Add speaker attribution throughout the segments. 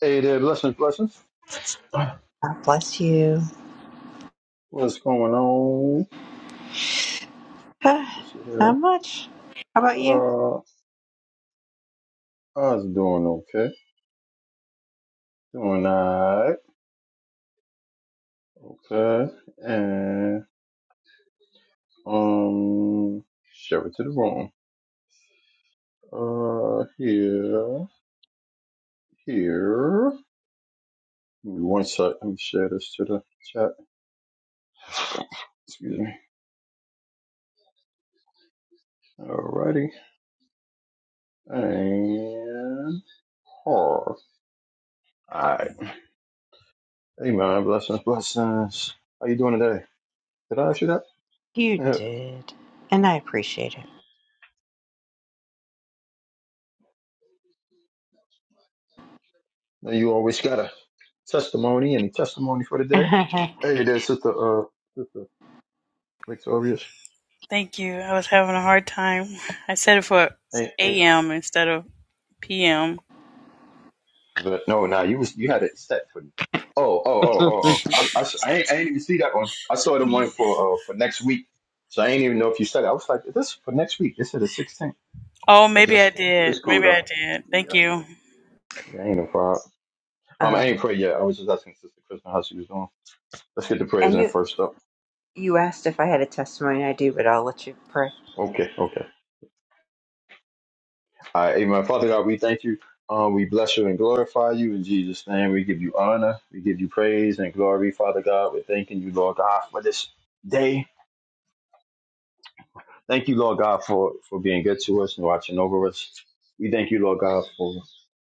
Speaker 1: Hey there, blessings, blessings.
Speaker 2: God bless you.
Speaker 1: What's going on?
Speaker 2: Ah,
Speaker 1: Let's see
Speaker 2: Not
Speaker 1: here.
Speaker 2: much. How about you?
Speaker 1: Uh, I was doing okay. Doing alright. Okay. And, um, share it to the room. Uh, here, here. Give me one sec. Let me share this to the chat. Excuse me. Alrighty. And, Alright. Hey man, blessings, blessings. How you doing today? Did I ask you
Speaker 2: You
Speaker 1: that?
Speaker 2: did, and I appreciate
Speaker 1: No, you always gotta. testimony. Any testimony for the day?
Speaker 2: it.
Speaker 1: Hey there, sister uh sister Victorious.
Speaker 3: Thank you. I was having a hard time. I said it for
Speaker 1: Hey,
Speaker 3: AM instead of PM.
Speaker 1: but no, nah, you was you had it set for Oh, oh, oh, oh, oh. I, I, s- I ain't, I ain't even see that one. I saw the one for uh for next week. So I ain't even know if you said it. I was like, is this for next week? This is the sixteenth.
Speaker 3: Oh,
Speaker 1: I
Speaker 3: maybe
Speaker 1: just
Speaker 3: I
Speaker 1: it's, it's
Speaker 3: did.
Speaker 1: cool
Speaker 3: Maybe I
Speaker 1: though.
Speaker 3: did.
Speaker 1: Yeah,
Speaker 3: Thank you.
Speaker 1: yeah, ain't no problem. Um I
Speaker 2: um,
Speaker 1: ain't pray yet. I was just asking Sister Kristen how she was doing. Let's get the prayers
Speaker 2: and
Speaker 1: in
Speaker 2: you
Speaker 1: first up.
Speaker 2: you asked if I had a testimony. I do, but I'll let you pray.
Speaker 1: Okay, okay. All right, amen. Father God, we thank you. Um, we bless you and glorify you in Jesus' name. We give you honor. We give you praise and glory, Father God. We're thanking you, Lord God, for this day. Thank you, Lord God, for, for being good to us and watching over us. We thank you, Lord God, for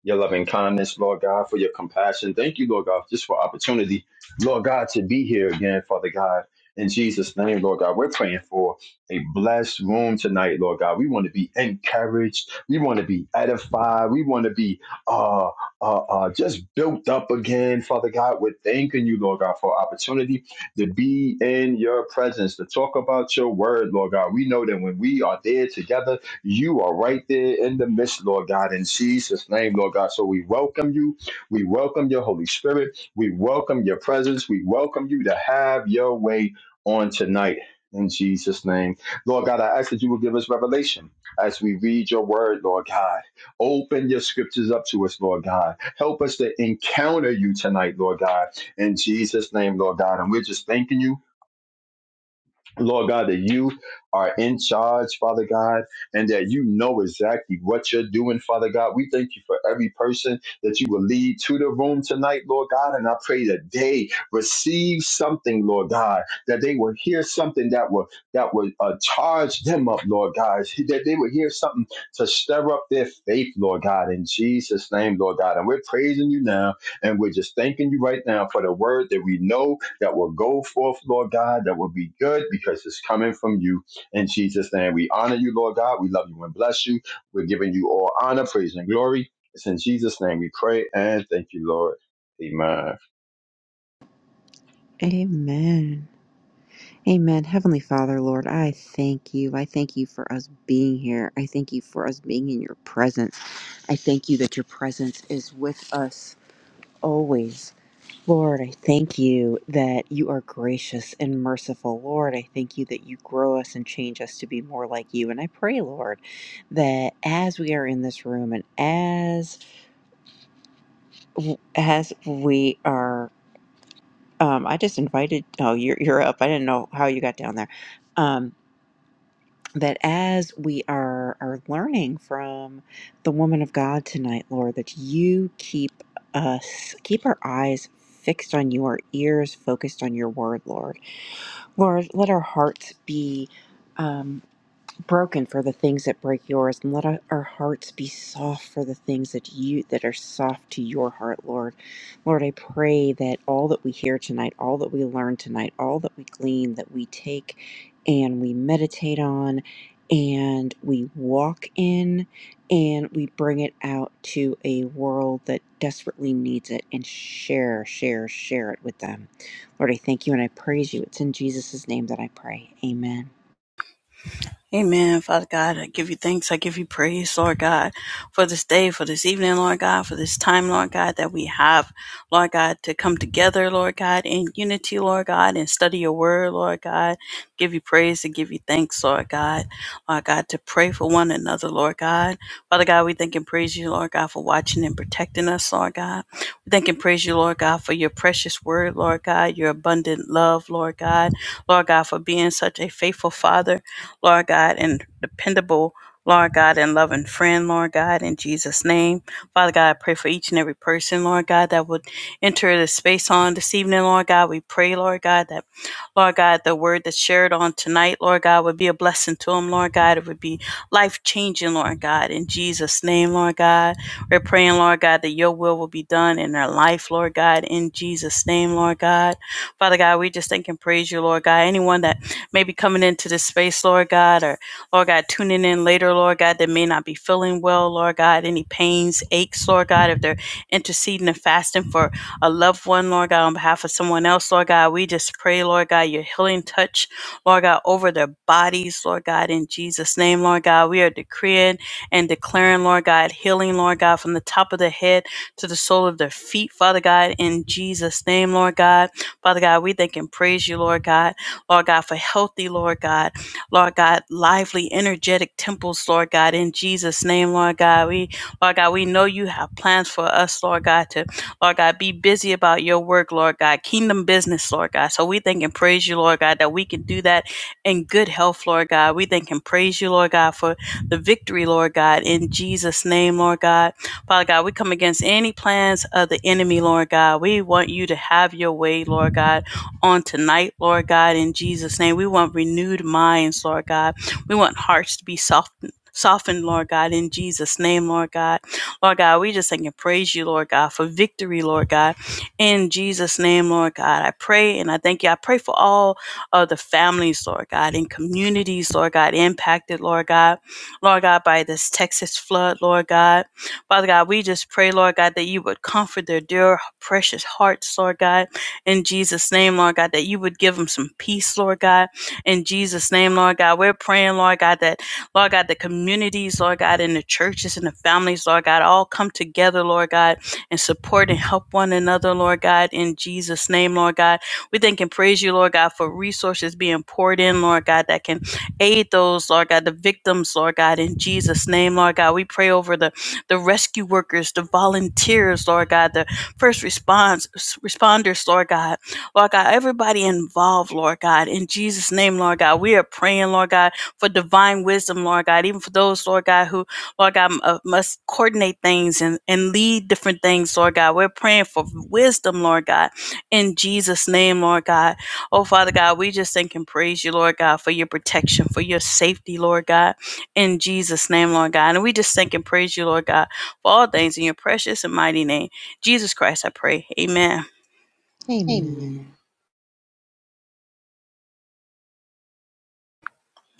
Speaker 1: your loving kindness, Lord God, for your compassion. Thank you, Lord God, just for opportunity, Lord God, to be here again, Father God. In Jesus' name, Lord God, we're praying for a blessed room tonight, Lord God. We want to be encouraged. We want to be edified. We want to be uh, uh, uh, just built up again, Father God. We're thanking you, Lord God, for opportunity to be in your presence, to talk about your word, Lord God. We know that when we are there together, you are right there in the midst, Lord God, in Jesus' name, Lord God. So we welcome you. We welcome your Holy Spirit. We welcome your presence. We welcome you to have your way on tonight. In Jesus' name. Lord God, I ask that you will give us revelation as we read your word, Lord God. Open your scriptures up to us, Lord God. Help us to encounter you tonight, Lord God. In Jesus' name, Lord God. And we're just thanking you. Lord God, that you are in charge, Father God, and that you know exactly what you're doing, Father God. We thank you for every person that you will lead to the room tonight, Lord God. And I pray that they receive something, Lord God, that they will hear something that will that will uh, charge them up, Lord God, that they will hear something to stir up their faith, Lord God, in Jesus' name, Lord God. And we're praising you now, and we're just thanking you right now for the word that we know that will go forth, Lord God, that will be good because it's coming from you. In Jesus' name, we honor you, Lord God. We love you and bless you. We're giving you all honor, praise, and glory. It's in Jesus' name we pray and thank you, Lord. Amen.
Speaker 2: Amen. Amen. Heavenly Father, Lord, I thank you. I thank you for us being here. I thank you for us being in your presence. I thank you that your presence is with us always. Lord, I thank you that you are gracious and merciful. Lord, I thank you that you grow us and change us to be more like you. And I pray, Lord, that as we are in this room and as as we are, um, I just invited. Oh, you're you're up. I didn't know how you got down there. Um, that as we are are learning from the woman of God tonight, Lord, that you keep us keep our eyes fixed on you, our ears focused on your word, Lord Lord, let our hearts be. Um, broken for the things that break yours and let our hearts be soft for the things that you that are soft to your heart lord lord i pray that all that we hear tonight all that we learn tonight all that we glean that we take and we meditate on and we walk in and we bring it out to a world that desperately needs it and share share share it with them lord i thank you and i praise you it's in jesus' name that i pray amen
Speaker 3: Amen. Father God, I give you thanks. I give you praise, Lord God, for this day, for this evening, Lord God, for this time, Lord God, that we have, Lord God, to come together, Lord God, in unity, Lord God, and study your word, Lord God. Give you praise and give you thanks, Lord God. Lord God, to pray for one another, Lord God. Father God, we thank and praise you, Lord God, for watching and protecting us, Lord God. We thank and praise you, Lord God, for your precious word, Lord God, your abundant love, Lord God. Lord God, for being such a faithful Father. Lord God, and dependable, Lord God, and loving friend, Lord God, in Jesus' name. Father God, I pray for each and every person, Lord God, that would enter the space on this evening, Lord God. We pray, Lord God, that, Lord God, the word that's shared on tonight, Lord God, would be a blessing to them, Lord God. It would be life changing, Lord God, in Jesus' name, Lord God. We're praying, Lord God, that your will will be done in their life, Lord God, in Jesus' name, Lord God. Father God, we just thank and praise you, Lord God. Anyone that maybe coming into this space, Lord God, or Lord God, tuning in later, Lord God, that may not be feeling well, Lord God, any pains, aches, Lord God, if they're interceding and fasting for a loved one, Lord God, on behalf of someone else, Lord God, we just pray, Lord God, your healing touch, Lord God, over their bodies, Lord God, in Jesus' name, Lord God, we are decreeing and declaring, Lord God, healing, Lord God, from the top of the head to the sole of their feet, Father God, in Jesus' name, Lord God. Father God, we thank and praise you, Lord God Lord God, for healthy, Lord God, Lord God, lively, energetic temples, Lord God, in Jesus' name, Lord God. We, Lord God, we know you have plans for us, Lord God, to, Lord God, be busy about your work, Lord God, kingdom business, Lord God. So we thank and praise you, Lord God, that we can do that in good health, Lord God. We thank and praise you, Lord God, for the victory, Lord God, in Jesus' name, Lord God. Father God, we come against any plans of the enemy, Lord God. We want you to have your way, Lord God on tonight, Lord God, in Jesus' name. We want renewed minds, Lord God. We want hearts to be softened. Softened, Lord God, in Jesus' name, Lord God. Lord God, we just thank and praise you, Lord God, for victory, Lord God, in Jesus' name, Lord God. I pray and I thank you. I pray for all of the families, Lord God, and communities, Lord God, impacted, Lord God, Lord God, by this Texas flood, Lord God. Father God, we just pray, Lord God, that you would comfort their dear, precious hearts, Lord God in Jesus' name, Lord God, that you would give them some peace, Lord God, in Jesus' name, Lord God. We're praying, Lord God, that, Lord God, the communities, Lord God, and the churches and the families, Lord God, all come together, Lord God, and support and help one another, Lord God, in Jesus' name, Lord God. We thank and praise you, Lord God, for resources being poured in, Lord God, that can aid those, Lord God, the victims, Lord God, in Jesus' name, Lord God. We pray over the, the rescue workers, the volunteers, Lord God, the first response responders, Lord God. Lord God, everybody involved, Lord God, in Jesus' name, Lord God, we are praying, Lord God, for divine wisdom, Lord God, even for those, Lord God, who, Lord God, uh, must coordinate things and, and lead different things, Lord God. We're praying for wisdom, Lord God, in Jesus' name, Lord God. Oh, Father God, we just thank and praise you, Lord God, for your protection, for your safety, Lord God, in Jesus' name, Lord God. And we just thank and praise you, Lord God, for all things in your precious and mighty name. Jesus Christ, I pray. Amen.
Speaker 2: amen
Speaker 3: Amen.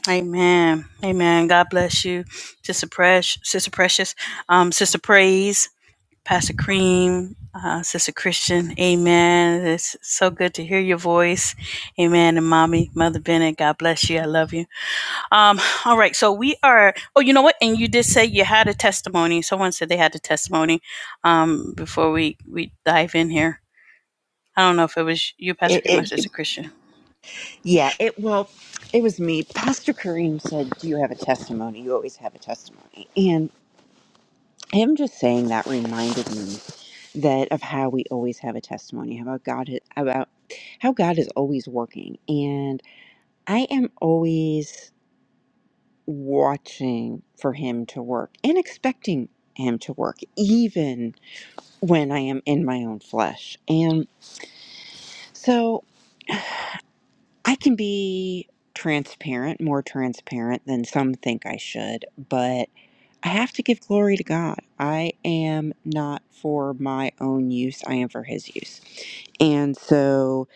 Speaker 3: Amen. Amen. God bless you, Sister Precious, Sister Precious, um, Sister Praise, Pastor Cream, uh, Sister Christian. Amen. It's so good to hear your voice. Amen. And mommy, Mother Bennett, God bless you. I love you. Um, all right. So we are, oh, you know what? And you did say you had a testimony. Someone said they had a testimony, um, before we, we dive in here. I don't know if it was you, Pastor
Speaker 2: It.
Speaker 3: Cream, or It, Sister Christian.
Speaker 2: Yeah, it well, it was me. Pastor Kareem said, "Do you have a testimony? You always have a testimony." And him just saying that reminded me that of how we always have a testimony how about God about how God is always working, and I am always watching for Him to work and expecting Him to work, even when I am in my own flesh, and so I can be transparent, more transparent than some think I should, but I have to give glory to God. I am not for my own use, I am for His use. And so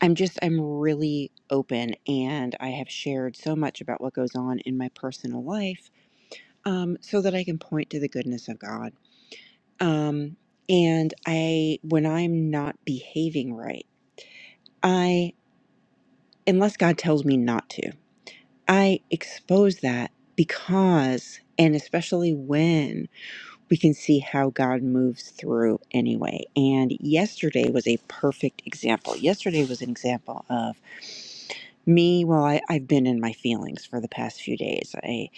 Speaker 2: I'm just, I'm really open and I have shared so much about what goes on in my personal life um, so that I can point to the goodness of God. Um, and I, when I'm not behaving right, I, unless God tells me not to, I expose that because, and especially when we can see how God moves through anyway. And yesterday was a perfect example. Yesterday was an example of me. Well, I, I've been in my feelings for the past few days. I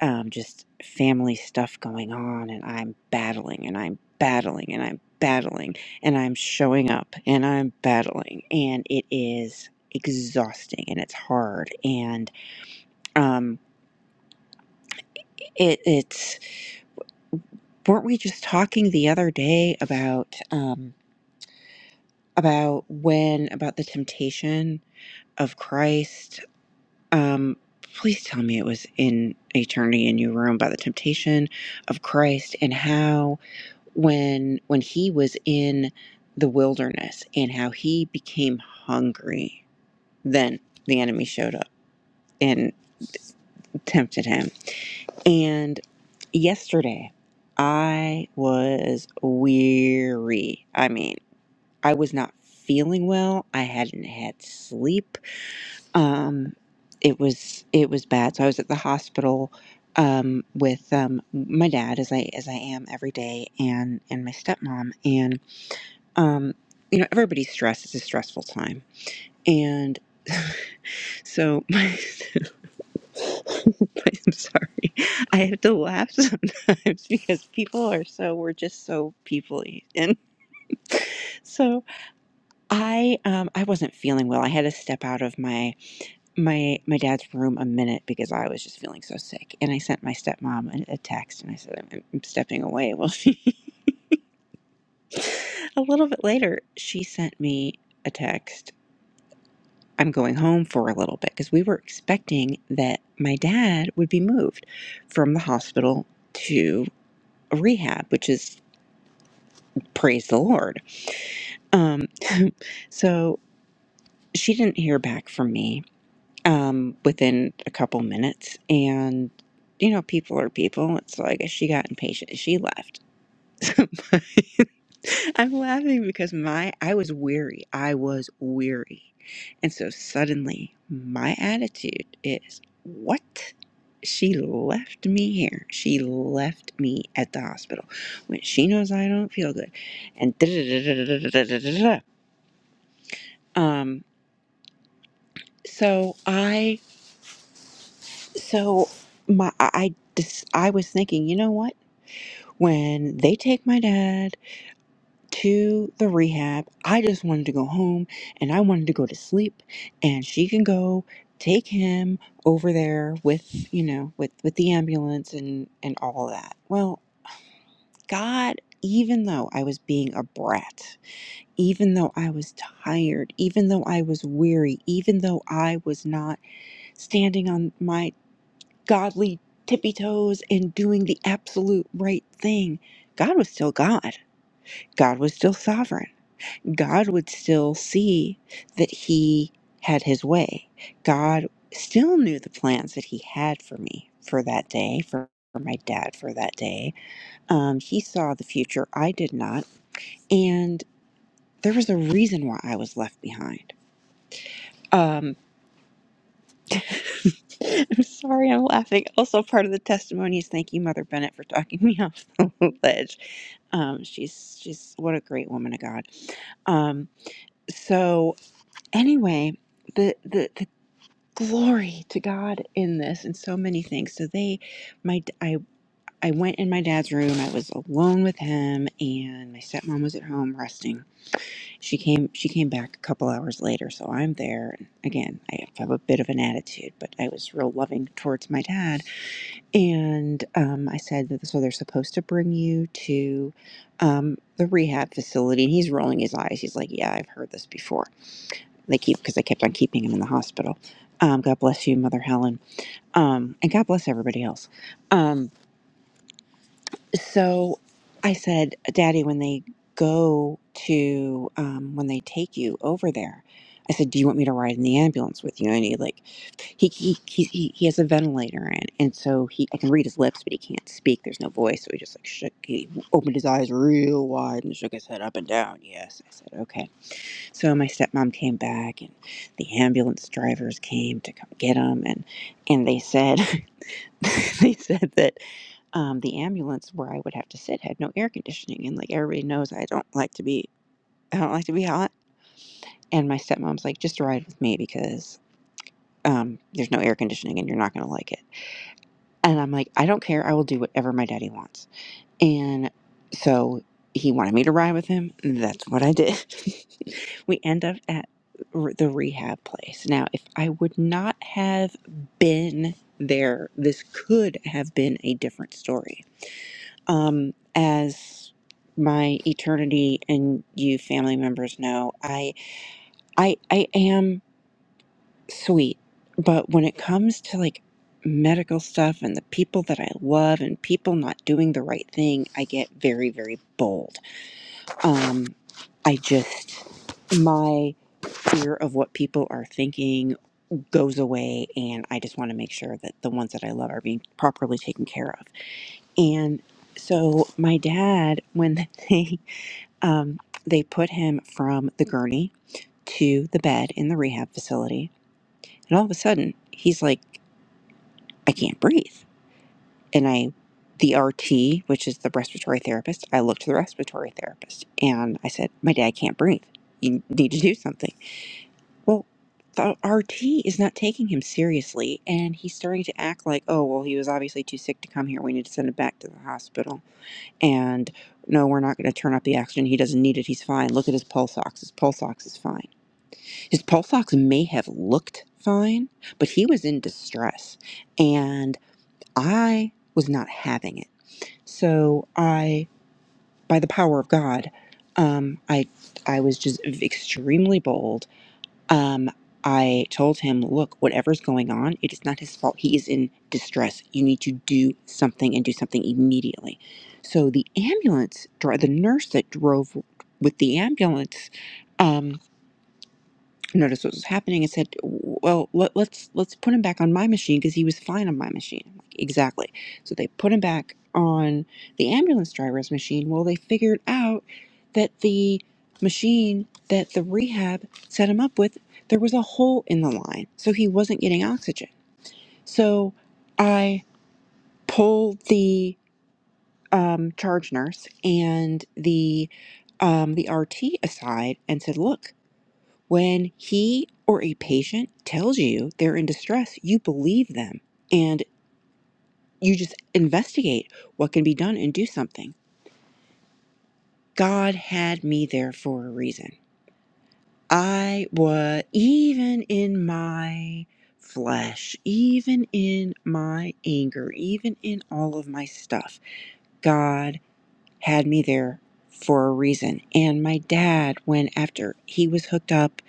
Speaker 2: um, just family stuff going on, and I'm battling, and I'm battling, and I'm battling, and I'm showing up, and I'm battling, and it is exhausting, and it's hard, and um, it, it's. Weren't we just talking the other day about? um, about when about the temptation of Christ. Um, please tell me it was in eternity in your room about the temptation of Christ and how when when he was in the wilderness and how he became hungry then the enemy showed up and tempted him and yesterday i was weary i mean i was not feeling well i hadn't had sleep um, it was it was bad. So I was at the hospital um, with um, my dad, as I as I am every day, and and my stepmom, and um, you know everybody's stressed. It's a stressful time, and so my, I'm sorry, I have to laugh sometimes because people are so we're just so peoply, and so I um, I wasn't feeling well. I had to step out of my my my dad's room a minute because I was just feeling so sick, and I sent my stepmom a, a text, and I said I'm, I'm stepping away. Well, she, a little bit later, she sent me a text. I'm going home for a little bit because we were expecting that my dad would be moved from the hospital to a rehab, which is praise the Lord. Um, so she didn't hear back from me um, within a couple minutes. And, you know, people are people. So I guess she got impatient. She left. I'm laughing because my, I was weary. I was weary. And so suddenly my attitude is, what? She left me here. She left me at the hospital when she knows I don't feel good. And da da da da da da da da. da. Um, so I So my I I dis- I was thinking, you know what? When they take my dad to the rehab, I just wanted to go home and I wanted to go to sleep and she can go take him over there with, you know, with with the ambulance and and all that. Well, God, even though I was being a brat, even though I was tired, even though I was weary, even though I was not standing on my godly tippy toes and doing the absolute right thing, God was still God. God was still sovereign. God would still see that he had his way. God still knew the plans that he had for me for that day, for for my dad for that day. Um, he saw the future. I did not. And there was a reason why I was left behind. Um, I'm sorry, I'm laughing. Also, part of the testimony is thank you, Mother Bennett, for talking me off the ledge. Um, she's she's what a great woman of God. Um, so anyway, the the the glory to God in this and so many things. So they, my I I went in my dad's room. I was alone with him, and my stepmom was at home resting. She came she came back a couple hours later. So I'm there and again. I have a bit of an attitude, but I was real loving towards my dad and um, I said that so they're supposed to bring you to um, the rehab facility. And he's rolling his eyes. He's like, "Yeah, I've heard this before." They keep because they kept on keeping him in the hospital. Um, God bless you, Mother Helen, um, and God bless everybody else. Um, so I said, Daddy, when they go to, um, when they take you over there, I said, Do you want me to ride in the ambulance with you? I need like, he, he, he, he he has a ventilator in. And so he, I can read his lips, but he can't speak. There's no voice. So he just, like, shook, he opened his eyes real wide and shook his head up and down. Yes. I said, Okay. So my stepmom came back and the ambulance drivers came to come get him. And, and they said, they said that um, the ambulance where I would have to sit had no air conditioning, and like everybody knows, I don't like to be I don't like to be hot. And my stepmom's like, just ride with me because um, there's no air conditioning, and you're not gonna like it. And I'm like, I don't care. I will do whatever my daddy wants. And so he wanted me to ride with him. and that's what I did. we end up at r- the rehab place. Now, if I would not have been there, this could have been a different story Um, as my eternity and you family members know, I I I am sweet, but when it comes to like medical stuff and the people that I love and people not doing the right thing, I get very very bold. Um, I just my fear of what people are thinking goes away and I just want to make sure that the ones that I love are being properly taken care of. And so my dad when they Um, they put him from the gurney to the bed in the rehab facility. And all of a sudden, he's like, I can't breathe. And I, the RT, which is the respiratory therapist, I looked to the respiratory therapist and I said, My dad can't breathe. You need to do something. Well, the RT is not taking him seriously. And he's starting to act like, Oh, well, he was obviously too sick to come here. We need to send him back to the hospital. And no, we're not going to turn up the oxygen. He doesn't need it. He's fine. Look at his pulse ox. His pulse ox is fine His pulse ox may have looked fine, but he was in distress and I was not having it. So I, by the power of God, um, I, I was just extremely bold. Um, I told him, look, whatever's going on, it is not his fault. He is in distress. You need to do something and do something immediately. So the ambulance, dri- the nurse that drove with the ambulance, um, noticed what was happening and said, "Well, let, let's let's put him back on my machine because he was fine on my machine." I'm like, exactly. So they put him back on the ambulance driver's machine. Well, they figured out that the machine that the rehab set him up with, there was a hole in the line, so he wasn't getting oxygen. So I pulled the um, charge nurse and the um, the RT aside and said, "Look." When he or a patient tells you they're in distress, you believe them and you just investigate what can be done and do something. God had me there for a reason. I was, even in my flesh, even in my anger, even in all of my stuff, God had me there for a reason. And my dad, when after he was hooked up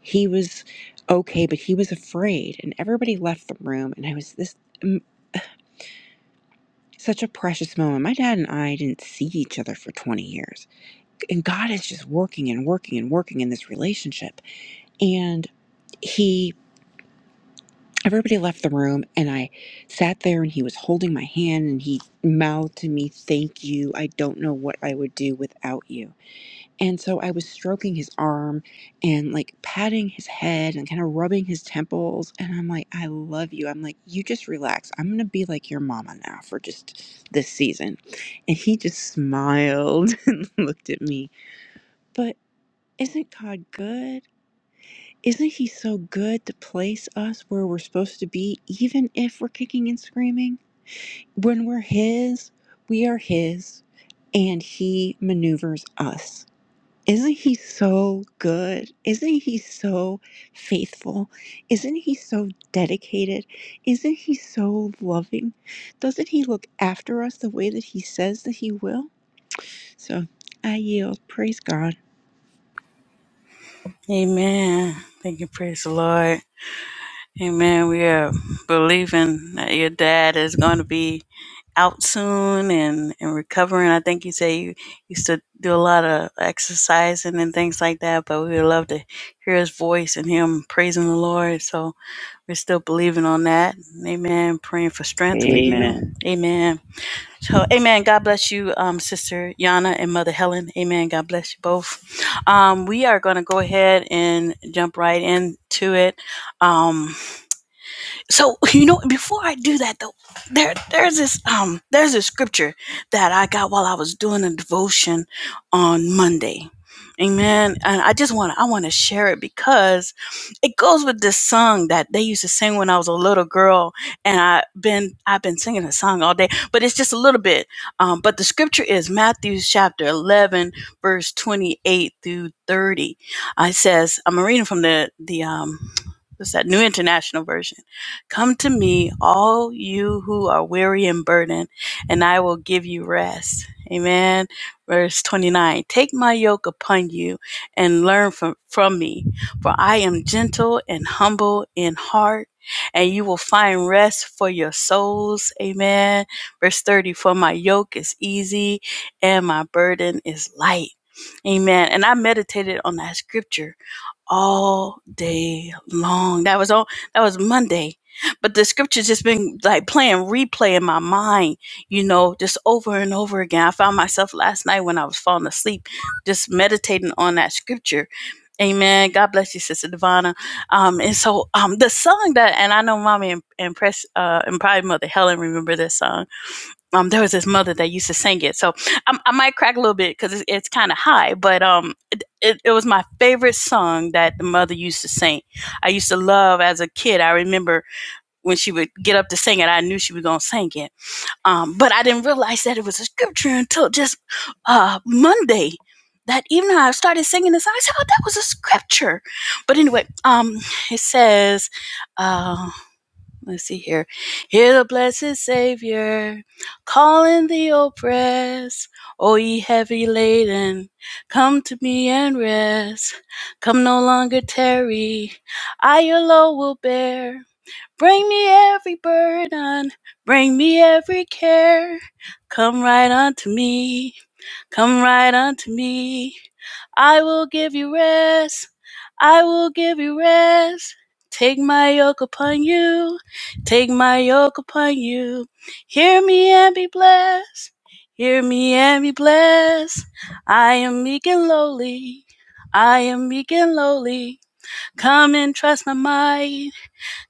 Speaker 2: He was okay, but he was afraid, and everybody left the room. And I was this mm, such a precious moment. My dad and I didn't see each other for 20 years, and God is just working and working and working in this relationship. And he everybody left the room and i sat there and he was holding my hand and he mouthed to me thank you i don't know what i would do without you And so I was stroking his arm and like patting his head and kind of rubbing his temples. And I'm like, I love you. I'm like, you just relax. I'm going to be like your mama now for just this season. And he just smiled and looked at me. But isn't God good? Isn't he so good to place us where we're supposed to be, even if we're kicking and screaming? When we're his, we are his, and he maneuvers us. Isn't he so good? Isn't he so faithful? Isn't he so dedicated? Isn't he so loving? Doesn't he look after us the way that he says that he will? So I yield. Praise God.
Speaker 3: Amen. Thank you. Praise the Lord. Amen. We are believing that your dad is going to be out soon and, and recovering. I think you say you used to do a lot of exercising and things like that, but we would love to hear his voice and him praising the Lord. So we're still believing on that. Amen. Praying for strength for you.
Speaker 2: Amen.
Speaker 3: Amen. Amen. So, amen. God bless you, um, Sister Yana and Mother Helen. Amen. God bless you both. Um, we are going to go ahead and jump right into it. Um, so you know before i do that though there there's this um there's a scripture that i got while i was doing a devotion on monday amen and i just want to i want to share it because it goes with this song that they used to sing when i was a little girl and i've been i've been singing the song all day but it's just a little bit um, but the scripture is matthew chapter 11 verse 28 through 30 i says i'm reading from the the um what's that new international version Come to me, all you who are weary and burdened, and I will give you rest. Amen. Verse 29 Take my yoke upon you and learn from, from me, for I am gentle and humble in heart, and you will find rest for your souls. Amen. Verse 30 For my yoke is easy and my burden is light. Amen. And I meditated on that scripture all day long. That was all that was Monday. But the scripture's just been like playing replay in my mind, you know, just over and over again. I found myself last night when I was falling asleep, just meditating on that scripture. Amen. God bless you, Sister Divana. Um, and so um the song that and I know mommy and, and press uh and probably mother Helen remember this song um, there was this mother that used to sing it. So I, I might crack a little bit because it's, it's kind of high, but um, it, it, it was my favorite song that the mother used to sing. I used to love as a kid. I remember when she would get up to sing it, I knew she was going to sing it. Um, but I didn't realize that it was a scripture until just uh, Monday. That even though I started singing this, I said, "Oh, that was a scripture." But anyway, um, it says, uh, Let's see here. Hear the blessed Savior calling the oppressed. O ye heavy laden, come to me and rest. Come no longer tarry, I your load will bear. Bring me every burden, bring me every care. Come right unto me, come right unto me. I will give you rest. I will give you rest. Take my yoke upon you. Take my yoke upon you. Hear me and be blessed. Hear me and be blessed. I am meek and lowly. I am meek and lowly. Come and trust my might.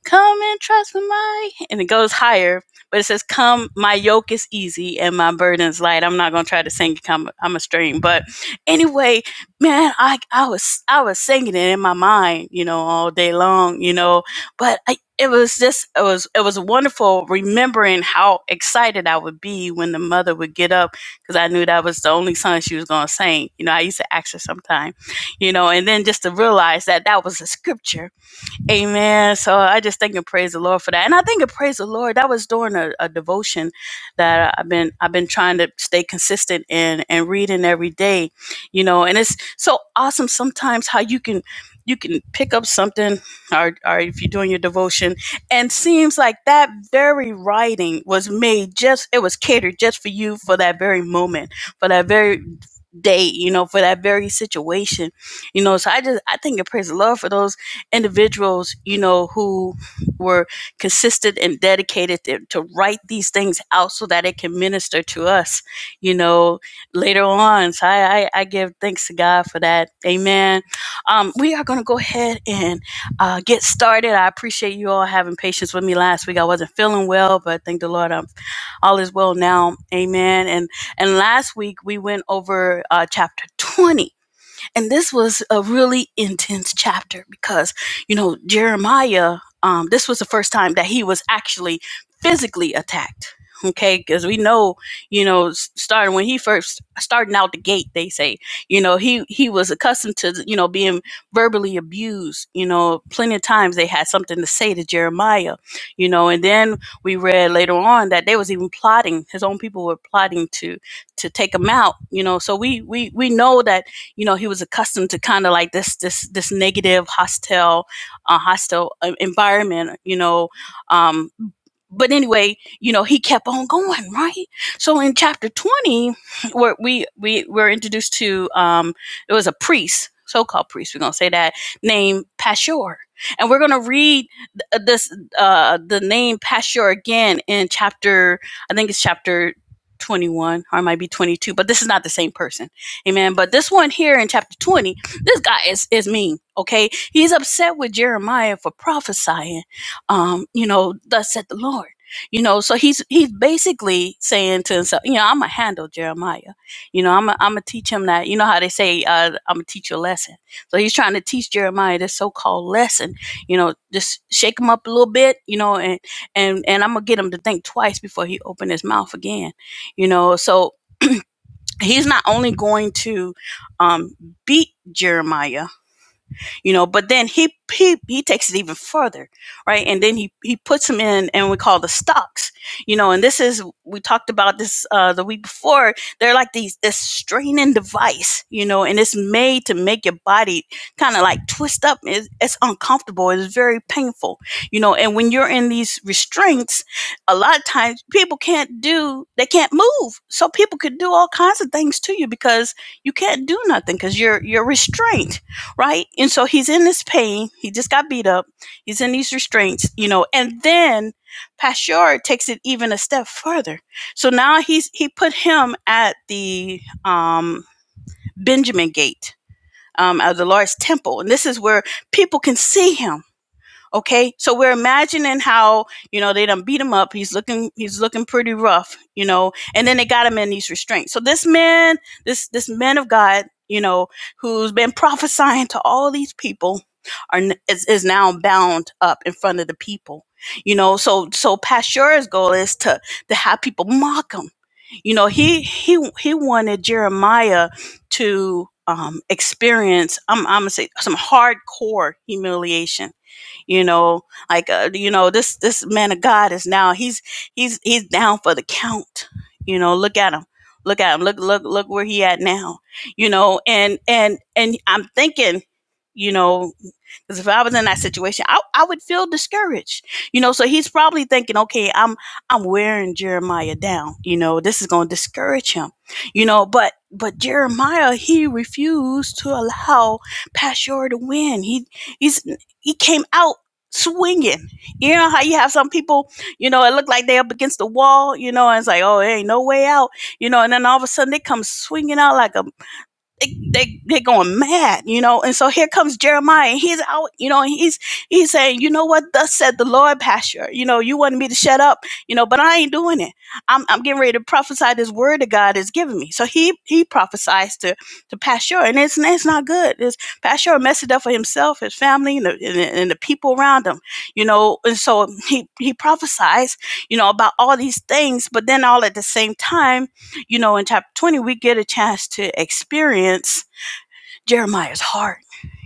Speaker 3: Come and trust in my, and it goes higher, but it says, Come, my yoke is easy and my burden is light. I'm not gonna try to sing it. I'm, I'm a stream. but anyway, man, I I was I was singing it in my mind, you know, all day long, you know, but I. It was just it was it was wonderful remembering how excited I would be when the mother would get up because I knew that was the only song she was gonna sing. You know, I used to ask her sometime, you know, and then just to realize that that was a scripture Amen. So I just thank and praise the Lord for that. And I thank and praise the Lord. That was during a, a devotion that I've been I've been trying to stay consistent in and reading every day, you know, and it's so awesome sometimes how you can you can pick up something or, or if you're doing your devotion and seems like that very writing was made just it was catered just for you for that very moment for that very date, you know, for that very situation, you know. So I just I think and praise the Lord for those individuals, you know, who were consistent and dedicated to, to write these things out so that it can minister to us, you know, later on. So I I, I give thanks to God for that. Amen. Um, we are going to go ahead and uh, get started. I appreciate you all having patience with me last week. I wasn't feeling well, but thank the Lord, I'm all is well now. Amen. And and last week we went over uh, chapter 20 and this was a really intense chapter because, you know, Jeremiah, um, this was the first time that he was actually physically attacked. Okay, because we know, you know, starting when he first starting out the gate, they say, you know, he he was accustomed to, you know, being verbally abused. You know, plenty of times they had something to say to Jeremiah, you know, and then we read later on that they was even plotting. His own people were plotting to to take him out. You know, so we we we know that you know, he was accustomed to kind of like this this this negative, hostile, uh, hostile uh, environment. You know, um, but anyway, you know, he kept on going, right? So in chapter 20, where we we were introduced to um it was a priest, so-called priest, we're going to say that, named Pashur. And we're going to read th- uh, this uh the name Pashur again in chapter I think it's chapter 21 or it might be 22, but this is not the same person Amen. But this one here in chapter 20, this guy is, is mean. Okay. He's upset with Jeremiah for prophesying, um, you know, thus said the Lord. You know, so he's he's basically saying to himself, you know, I'm gonna handle Jeremiah. You know, I'm gonna I'm gonna teach him that. You know how they say, uh, I'm gonna teach you a lesson. So he's trying to teach Jeremiah this so-called lesson. You know, just shake him up a little bit. You know, and and and I'm gonna get him to think twice before he open his mouth again. You know, so he's not only going to um, beat Jeremiah, you know but then he he he takes it even further right and then he he puts them in and we call the stocks you know and this is we talked about this uh the week before they're like these this straining device you know and it's made to make your body kind of like twist up it's, it's uncomfortable it's very painful you know and when you're in these restraints a lot of times people can't do they can't move so people could do all kinds of things to you because you can't do nothing because you're you're restrained right? And so he's in this pain. He just got beat up. He's in these restraints, you know. And then Pasteur takes it even a step further. So now he's he put him at the um, Benjamin Gate um, of the Lord's temple, and this is where people can see him Okay, so we're imagining how you know they done beat him up. He's looking, he's looking pretty rough, you know. And then they got him in these restraints. So this man, this this man of God, you know, who's been prophesying to all these people, are is, is now bound up in front of the people, you know. So so Pasteur's goal is to to have people mock him. You know, he he he wanted Jeremiah to um, experience. I'm I'm gonna say some hardcore humiliation you know like uh, you know this this man of god is now he's he's he's down for the count you know look at him look at him look look look where he at now you know and and and i'm thinking you know because if i was in that situation I, I would feel discouraged you know so he's probably thinking okay i'm i'm wearing jeremiah down you know this is going to discourage him you know but but jeremiah he refused to allow pashur to win he he's he came out swinging. You know how you have some people, you know, it looked like they up against the wall, you know, and it's like, oh, there ain't no way out, you know, and then all of a sudden they come swinging out like a they, they they're going mad, you know. And so here comes Jeremiah, and he's out, you know, and he's he's saying, you know what? Thus said the Lord, Pastor. You know, you wanted me to shut up, you know, but I ain't doing it. I'm I'm getting ready to prophesy this word that God has given me. So he he prophesies to to Pastor, and it's it's not good. It's Pastor messed it up for himself, his family, and the, and the, and the people around him, you know. And so he he prophesies, you know, about all these things, but then all at the same time you know, in chapter 20, we get a chance to experience Jeremiah's heart.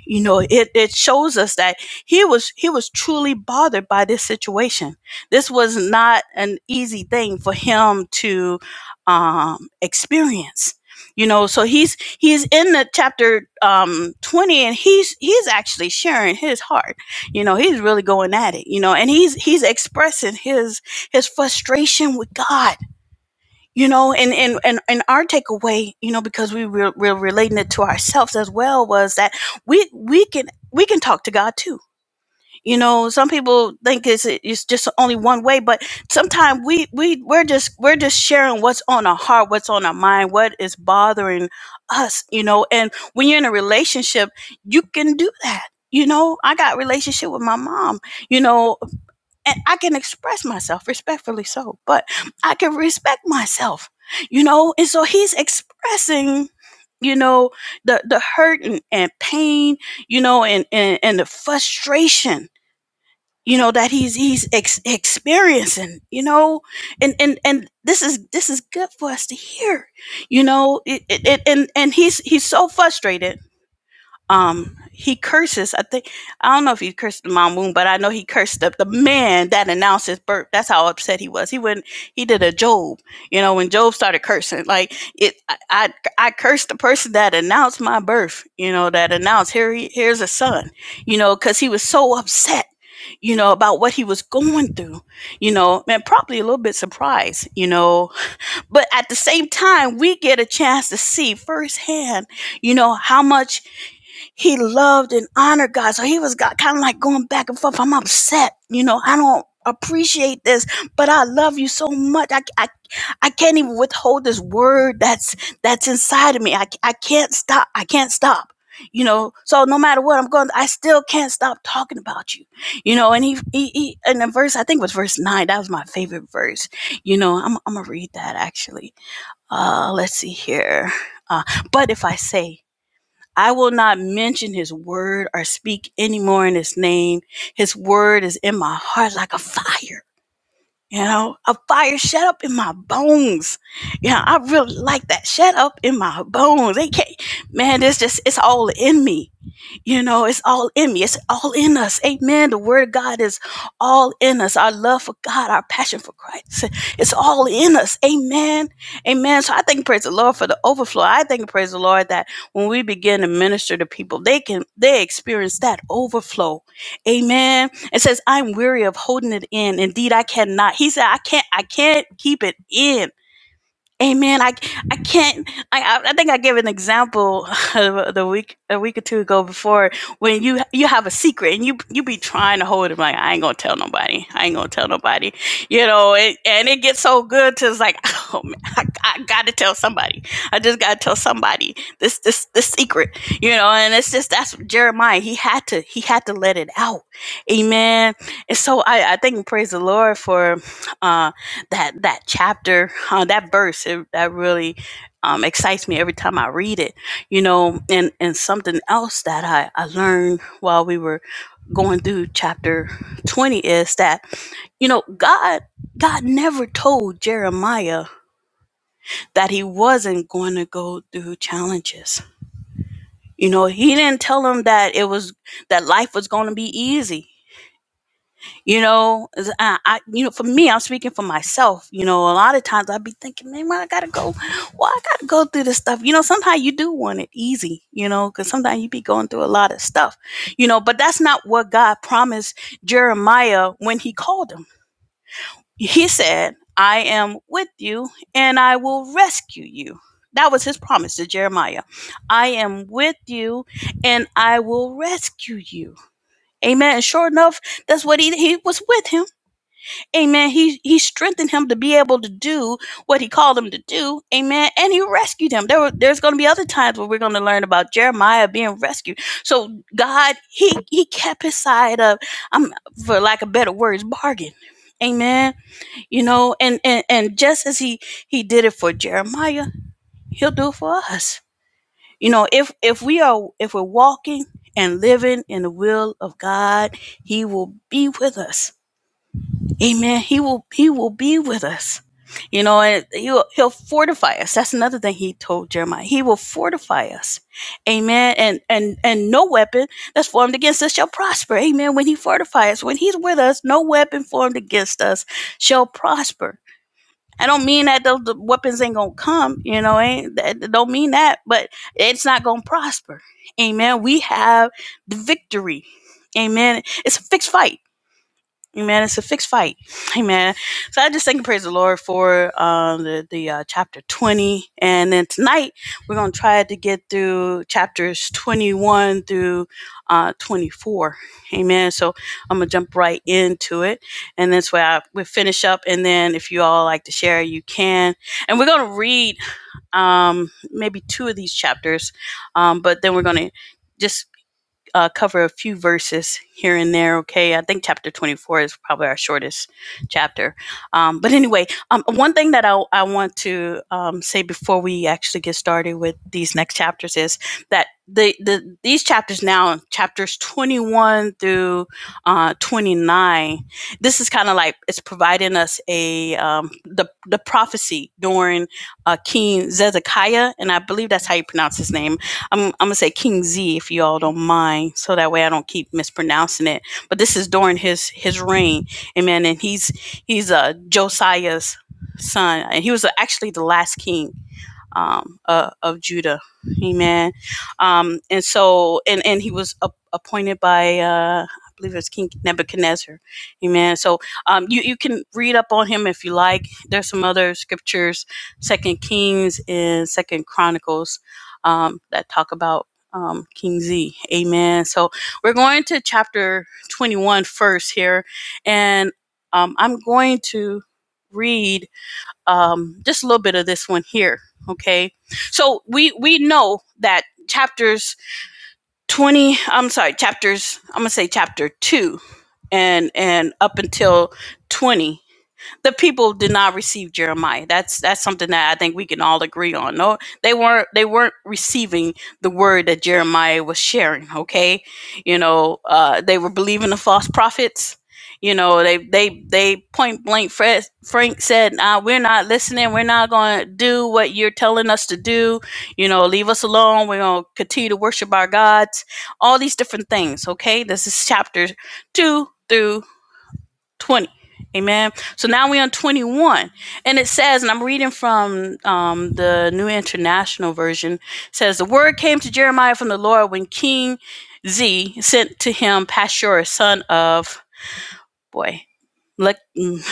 Speaker 3: You know, it, it shows us that he was he was truly bothered by this situation. This was not an easy thing for him to um, experience. You know, so he's he's in the chapter um, 20 and he's he's actually sharing his heart. You know, he's really going at it, you know, and he's he's expressing his his frustration with God you know and and and, and our takeaway you know because we were, we're relating it to ourselves as well was that we we can we can talk to god too you know some people think it's it's just only one way but sometimes we we we're just we're just sharing what's on our heart what's on our mind what is bothering us you know and when you're in a relationship you can do that you know i got a relationship with my mom you know and I can express myself respectfully so, but I can respect myself, you know? And so he's expressing, you know, the, the hurt and, and pain, you know, and, and, and the frustration, you know, that he's, he's ex- experiencing, you know, and, and, and this is, this is good for us to hear, you know, it, it, it- and, and he's, he's so frustrated um he curses i think i don't know if he cursed mom moon but i know he cursed the, the man that announced his birth that's how upset he was he wouldn't he did a job you know when job started cursing like it i i, I cursed the person that announced my birth you know that announced here he, here's a son you know because he was so upset you know about what he was going through you know and probably a little bit surprised you know but at the same time we get a chance to see firsthand you know how much he loved and honored God. So he was kind of like going back and forth. I'm upset. You know, I don't appreciate this, but I love you so much. I, I, I can't even withhold this word that's, that's inside of me. I, I can't stop. I can't stop. You know, so no matter what I'm going, I still can't stop talking about you. You know, and he, he, he and the verse I think it was verse nine. That was my favorite verse. You know, I'm, I'm gonna read that actually. Uh, let's see here. Uh, but if I say I will not mention his word or speak anymore in his name. His word is in my heart like a fire, you know, a fire shut up in my bones. You know, I really like that. Shut up in my bones. They can't, man, this just, it's all in me. You know, it's all in me. It's all in us. Amen. The word of God is all in us. Our love for God, our passion for Christ. It's all in us. Amen. Amen. So I thank praise the Lord for the overflow. I thank praise the Lord that when we begin to minister to people, they can they experience that overflow. Amen. It says, I'm weary of holding it in. Indeed, I cannot. He said, I can't, I can't keep it in. Amen. I I can't. I I I think I gave an example the week a week or two ago before when you you have a secret and you you be trying to hold it like I ain't gonna tell nobody. I ain't gonna tell nobody. You know, and, and it gets so good to it's like oh man, I, I got to tell somebody. I just got to tell somebody this this this secret. You know, and it's just that's Jeremiah. He had to he had to let it out. Amen. And so I I think praise the Lord for. uh that that chapter, uh, that verse, it, that really um, excites me every time I read it. You know, and and something else that I I learned while we were going through chapter twenty is that you know God God never told Jeremiah that he wasn't going to go through challenges. You know, he didn't tell him that it was that life was going to be easy. You know, is- I, I, you know, for me, I'm speaking for myself. You know, a lot of times I'd be thinking, man, why I gotta go, why I gotta go through this stuff. You know, sometimes you do want it easy, you know, because sometimes you be going through a lot of stuff, you know, but that's not what God promised Jeremiah when he called him. He said, I am with you and I will rescue you. That was his promise to Jeremiah. I am with you and I will rescue you. Amen. And sure enough, that's what he, he was with him Amen. He he strengthened him to be able to do what he called him to do. Amen. And he rescued him. There were, there's going to be other times where we're going to learn about Jeremiah being rescued. So God, he he kept his side of, um, for lack of better words, bargain. Amen. You know, and and and just as he he did it for Jeremiah, he'll do it for us. You know, if if we are if we're walking and living in the will of God, he will be with us. Amen. He will he will be with us. You know, and he'll he'll fortify us. That's another thing he told Jeremiah. He will fortify us. Amen. And and and no weapon that's formed against us shall prosper. Amen. When he fortifies us, when he's with us, no weapon formed against us shall prosper. I don't mean that the, the weapons ain't gonna come, you know, ain't that don't mean that, but it's not gonna prosper. Amen. We have the victory. Amen. It's a fixed fight Amen. It's a fixed fight. Amen. So I just thank and praise the Lord for um, the, the uh, chapter 20. And then tonight, we're going to try to get through chapters 21 through uh, 24. Amen. So I'm going to jump right into it. And that's where I, we finish up. And then if you all like to share, you can. And we're going to read um, maybe two of these chapters, um, but then we're going to. Just uh, cover a few verses here and there. Okay, I think chapter 24 is probably our shortest chapter. Um, but anyway, um, one thing that I, I want to um, say before we actually get started with these next chapters is that the, the these chapters now, chapters 21 through uh, 29, this is kind of like it's providing us a um, the the prophecy during uh, King Zedekiah, and I believe that's how you pronounce his name I'm, I'm gonna say King Z if you all don't mind, so that way I don't keep mispronouncing it. But this is during his his reign, amen. And he's he's uh, Josiah's son, and he was actually the last king um, uh, of Judah. Amen. Um, and so, and, and he was ap- appointed by, uh, I believe it was King Nebuchadnezzar. Amen. So um, you, you can read up on him if you like. There's some other scriptures, Second Kings and Second Chronicles, um, that talk about um, King Z. Amen. So we're going to chapter 21 first here. And um, I'm going to read um, just a little bit of this one here. Okay, so we we know that chapters twenty. I'm sorry, chapters. I'm gonna say chapter two and and up until twenty the people did not receive Jeremiah. That's that's something that I think we can all agree on. No, they weren't they weren't receiving the word that Jeremiah was sharing. Okay, you know uh, they were believing the false prophets. You know they they they point blank. Fred, Frank said, uh, "We're not listening. We're not going to do what you're telling us to do. You know, leave us alone. We're going to continue to worship our gods. All these different things. Okay, this is chapter two through." 20. Amen. So now we're on 21. And it says, and I'm reading from um, the New International Version, it says, The word came to Jeremiah from the Lord when King Z sent to him Pashur, son of, boy, Lek- mm,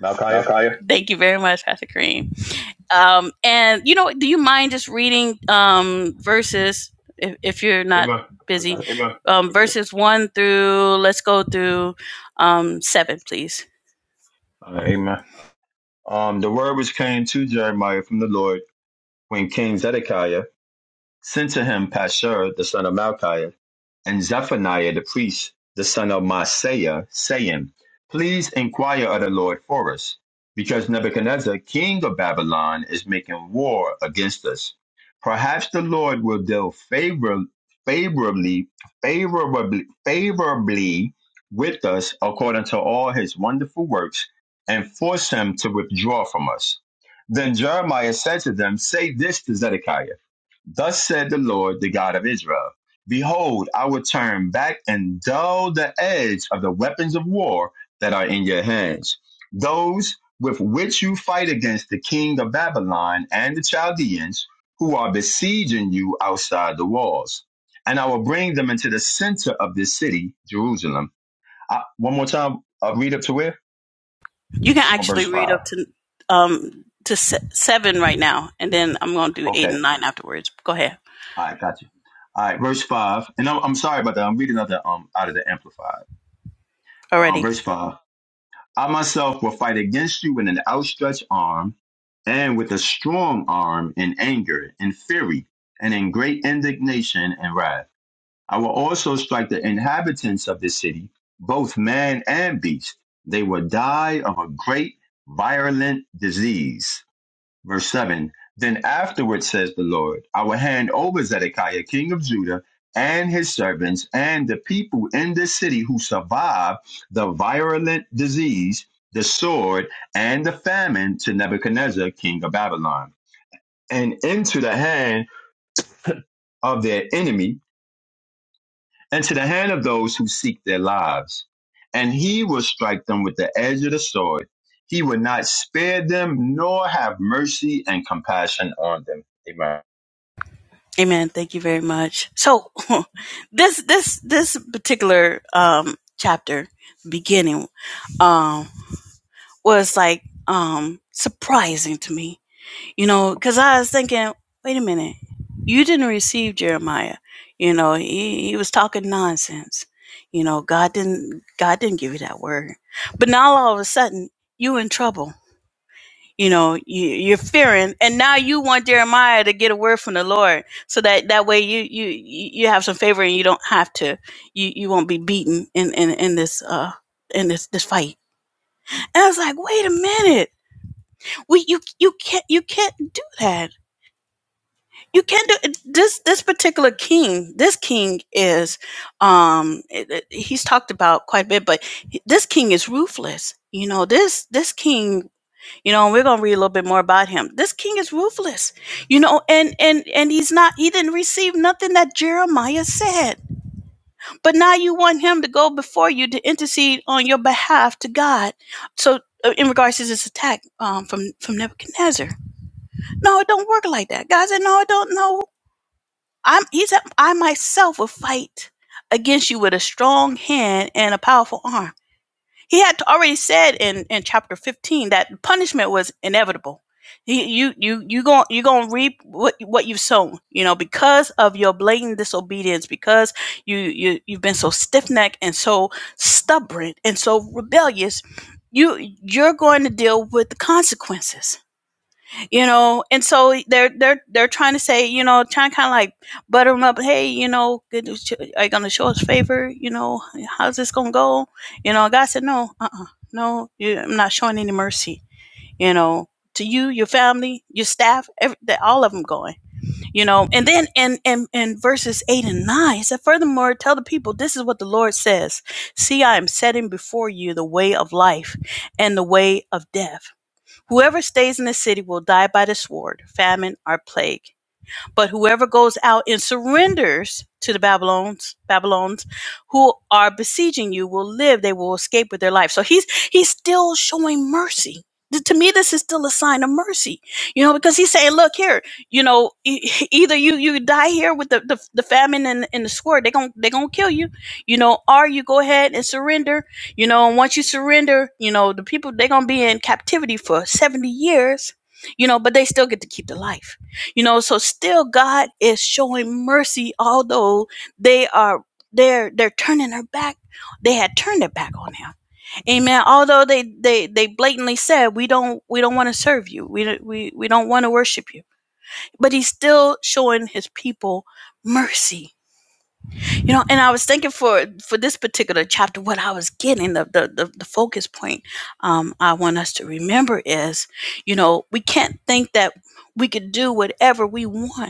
Speaker 1: Malachi?
Speaker 3: Malchiah? thank you very much, Pastor Kareem. Um, and, you know, do you mind just reading um, verses, if, if you're not
Speaker 1: Amen. I got
Speaker 3: busy,
Speaker 1: it.
Speaker 3: um, verses 1 through, let's go through um, 7, please.
Speaker 1: Uh, amen. Um, the word which came to Jeremiah from the Lord when King Zedekiah sent to him Pashur the son of Malchiah, and Zephaniah the priest, the son of Maaseiah, saying, Please inquire of the Lord for us, because Nebuchadnezzar, king of Babylon, is making war against us. Perhaps the Lord will deal favor, favorably, favorably, favorably with us according to all his wonderful works, and force him to withdraw from us. Then Jeremiah said to them, Say this to Zedekiah. Thus said the Lord, the God of Israel Behold, I will turn back and dull the edge of the weapons of war that are in your hands, those with which you fight against the king of Babylon and the Chaldeans who are besieging you outside the walls. And I will bring them into the center of this city, Jerusalem. I, one more time, I'll read up to where?
Speaker 3: You can
Speaker 1: i on verse
Speaker 3: actually read
Speaker 1: 5.
Speaker 3: up to um to se- seven right now, and then I'm going to do eight
Speaker 1: Okay.
Speaker 3: and nine afterwards. Go ahead.
Speaker 1: All right, got you. All right, verse 5. And I'm, I'm sorry about that. I'm reading out, the, um, out of the Amplified. Um,
Speaker 3: Already.
Speaker 1: verse 5 I myself will fight against you with an outstretched arm and with a strong arm in anger in fury and in great indignation and wrath. I will also strike the inhabitants of this city, both man and beast. They will die of a great violent disease Verse 7 Then afterward, says the Lord, I will hand over Zedekiah, king of Judah, and his servants, and the people in this city who survive the virulent disease, the sword, and the famine to Nebuchadnezzar, king of Babylon, and into the hand of their enemy, and to the hand of those who seek their lives. And he will strike them with the edge of the sword. He will not spare them, nor have mercy and compassion on them. Amen.
Speaker 3: Amen. Thank you very much. So, this this this particular um chapter beginning um was like um surprising to me you know, because I was thinking, wait a minute, you didn't receive Jeremiah. You know, he, he was talking nonsense. You know, God didn't God didn't give you that word. But now all of a sudden, you in trouble. You know, you, you're fearing, and now you want Jeremiah to get a word from the Lord, so that that way you you you you have some favor, and you don't have to you you won't be beaten in in in this uh in this this fight. And I was like, wait a minute, we you you can't you can't do that you can't do this this particular king this king is um it- it- he's talked about quite a bit but he- this king is ruthless you know this this king you know and we're gonna read a little bit more about him this king is ruthless you know and and and he's not he didn't receive nothing that jeremiah said but now you want him to go before you to intercede on your behalf to god so uh, in regards to this attack um, from from nebuchadnezzar no it don't work like that god said no it don't know I'm he said, I myself will fight against you with a strong hand and a powerful arm. He had already said in, in chapter 15 that punishment was inevitable. You you you you going you going to reap what what you've sown, you know, because of your blatant disobedience, because you you you've been so stiff-necked and so stubborn and so rebellious, you you're going to deal with the consequences you know and so they're they're they're trying to say you know trying to kind of like butter them up hey you know good, are you gonna show us favor you know how's this gonna go you know god said no uh, uh-uh no you, i'm not showing any mercy you know to you your family your staff every, that all of them going you know and then in and and and verses 8 and 9 it said furthermore tell the people this is what the lord says see i am setting before you the way of life and the way of death Whoever stays in the city will die by the sword, famine, or plague. But whoever goes out and surrenders to the Babylons, Babylons, who are besieging you will live, they will escape with their life. So he's he's still showing mercy. Th- To me, this is still a sign of mercy, you know, because he's saying, look here, you know, e- either you you die here with the, the, the famine and, and the sword, they're gonna they're gonna kill you, you know, or you go ahead and surrender, you know, and once you surrender, you know, the people they're gonna be in captivity for 70 years, you know, but they still get to keep the life you know, so still God is showing mercy, although they are they're they're turning their back. They had turned their back on him. Amen. Although they they they blatantly said we don't we don't want to serve you. We don't- we we don't want to worship you. But he's still showing his people mercy. You know, and I was thinking for for this particular chapter, what I was getting the the the, the focus point um, I want us to remember is, you know, we can't think that we could do whatever we want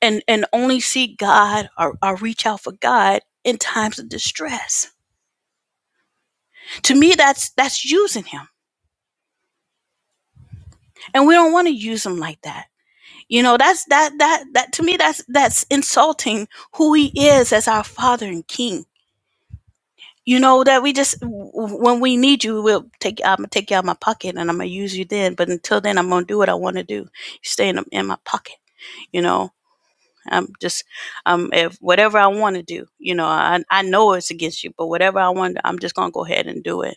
Speaker 3: and and only seek God or, or reach out for God in times of distress. To me, that's that's using him. And we don't want to use him like that. You know, that's that that that to me that's that's insulting who he is as our father and king. You know, that we just w- when we need you, we'll take I'm gonna take you out of my pocket and I'm gonna use you then. But until then I'm gonna do what I wanna do. You stay in, in my pocket, you know I'm just um if whatever I want to do, you know, I I know it's against you, but whatever I want, I'm just gonna go ahead and do it.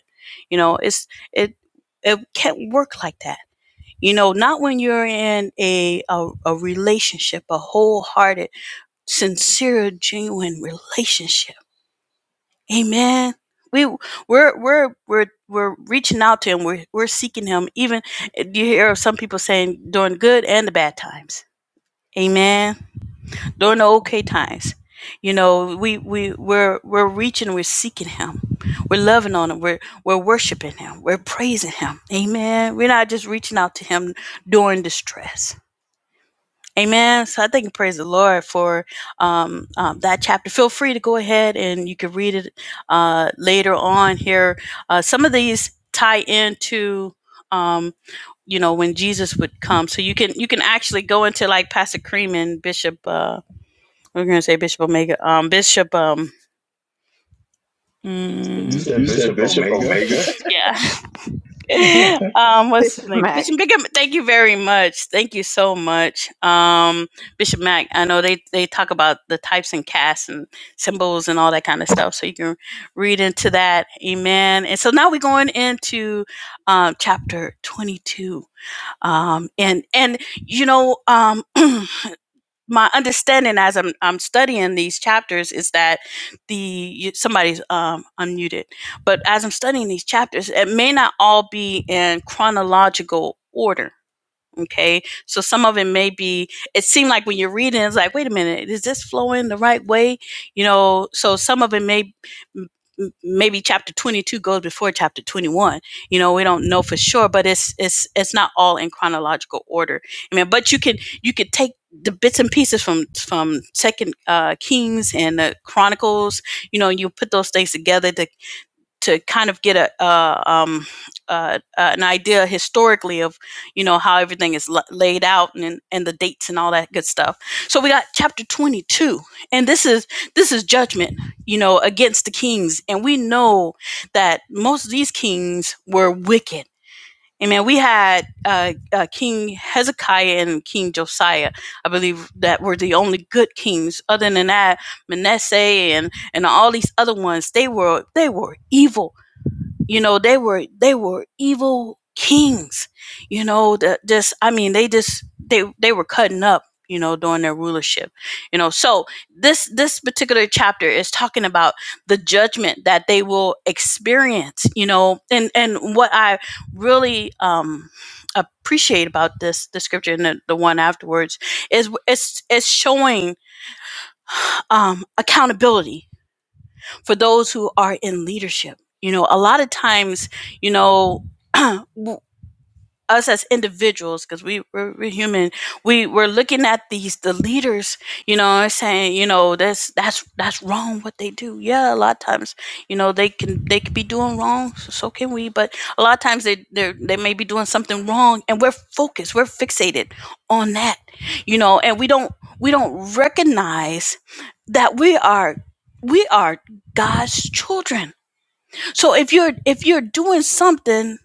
Speaker 3: You know, it's it it can't work like that. You know, not when you're in a a, a relationship, a wholehearted, sincere, genuine relationship. Amen. We we're we're we're we're reaching out to him. We're we're seeking him. Even eh, you hear some people saying during good and the bad times. Amen during the okay times. You know, we we we're we're reaching, we're seeking Him, we're loving on Him, we're we're worshiping Him, we're praising Him. Amen. We're not just reaching out to Him during distress. Amen. So I thank and praise the Lord for um, um, that chapter. Feel free to go ahead and you can read it uh, later on here. Uh, some of these tie into um, you know when Jesus would come, so you can you can actually go into like Pastor Cream and Bishop. uh we're gonna say Bishop Omega. Um, Bishop. Um,
Speaker 1: You
Speaker 3: mm,
Speaker 1: said
Speaker 3: You said
Speaker 1: Bishop
Speaker 3: Bishop
Speaker 1: Omega?
Speaker 3: Omega? yeah. um, what's his
Speaker 2: Bishop
Speaker 3: name? Bishop
Speaker 2: Mack.
Speaker 3: Big. Thank you very much. Thank you so much. Um, Bishop Mac. I know they they talk about the types and casts and symbols and all that kind of stuff, so you can read into that. Amen. And so now we're going into um, chapter twenty two. Um, and and you know um. my understanding as I'm I'm studying these chapters is that the you, somebody's um, unmuted, but as I'm studying these chapters, it may not all be in chronological order Okay. So some of it may be, it seemed like when you're reading, it's like, wait a minute, is this flowing the right way? You know, so some of it may, m- maybe chapter 22 goes before chapter 21. You know, we don't know for sure, but it's, it's, it's not all in chronological order. I mean, but you can, you could take the bits and pieces from, from second, uh, Kings and the Chronicles, you know, you put those things together to to kind of get a, a um, uh, an idea historically of you know how everything is la laid out and and the dates and all that good stuff. So we got chapter 22, and this is this is judgment, you know, against the kings, and we know that most of these kings were wicked. And man, we had uh, uh, King Hezekiah and King Josiah, I believe, that were the only good kings. Other than that, Manasseh and and all these other ones, they were they were evil you know they were they were evil kings you know that just i mean they just they they were cutting up you know during their rulership you know so this this particular chapter is talking about the judgment that they will experience you know and and what i really um appreciate about this the scripture and the, the one afterwards is it's it's showing um accountability for those who are in leadership. You know, a lot of times, you know, we us as individuals because we we're, we're human we we're looking at these the leaders you know and saying you know that's that's that's wrong what they do yeah a lot of times you know they can they could be doing wrong so, so can we but a lot of times they they they may be doing something wrong and we're focused we're fixated on that you know and we don't we don't recognize that we are we are God's children so if you're if you're doing something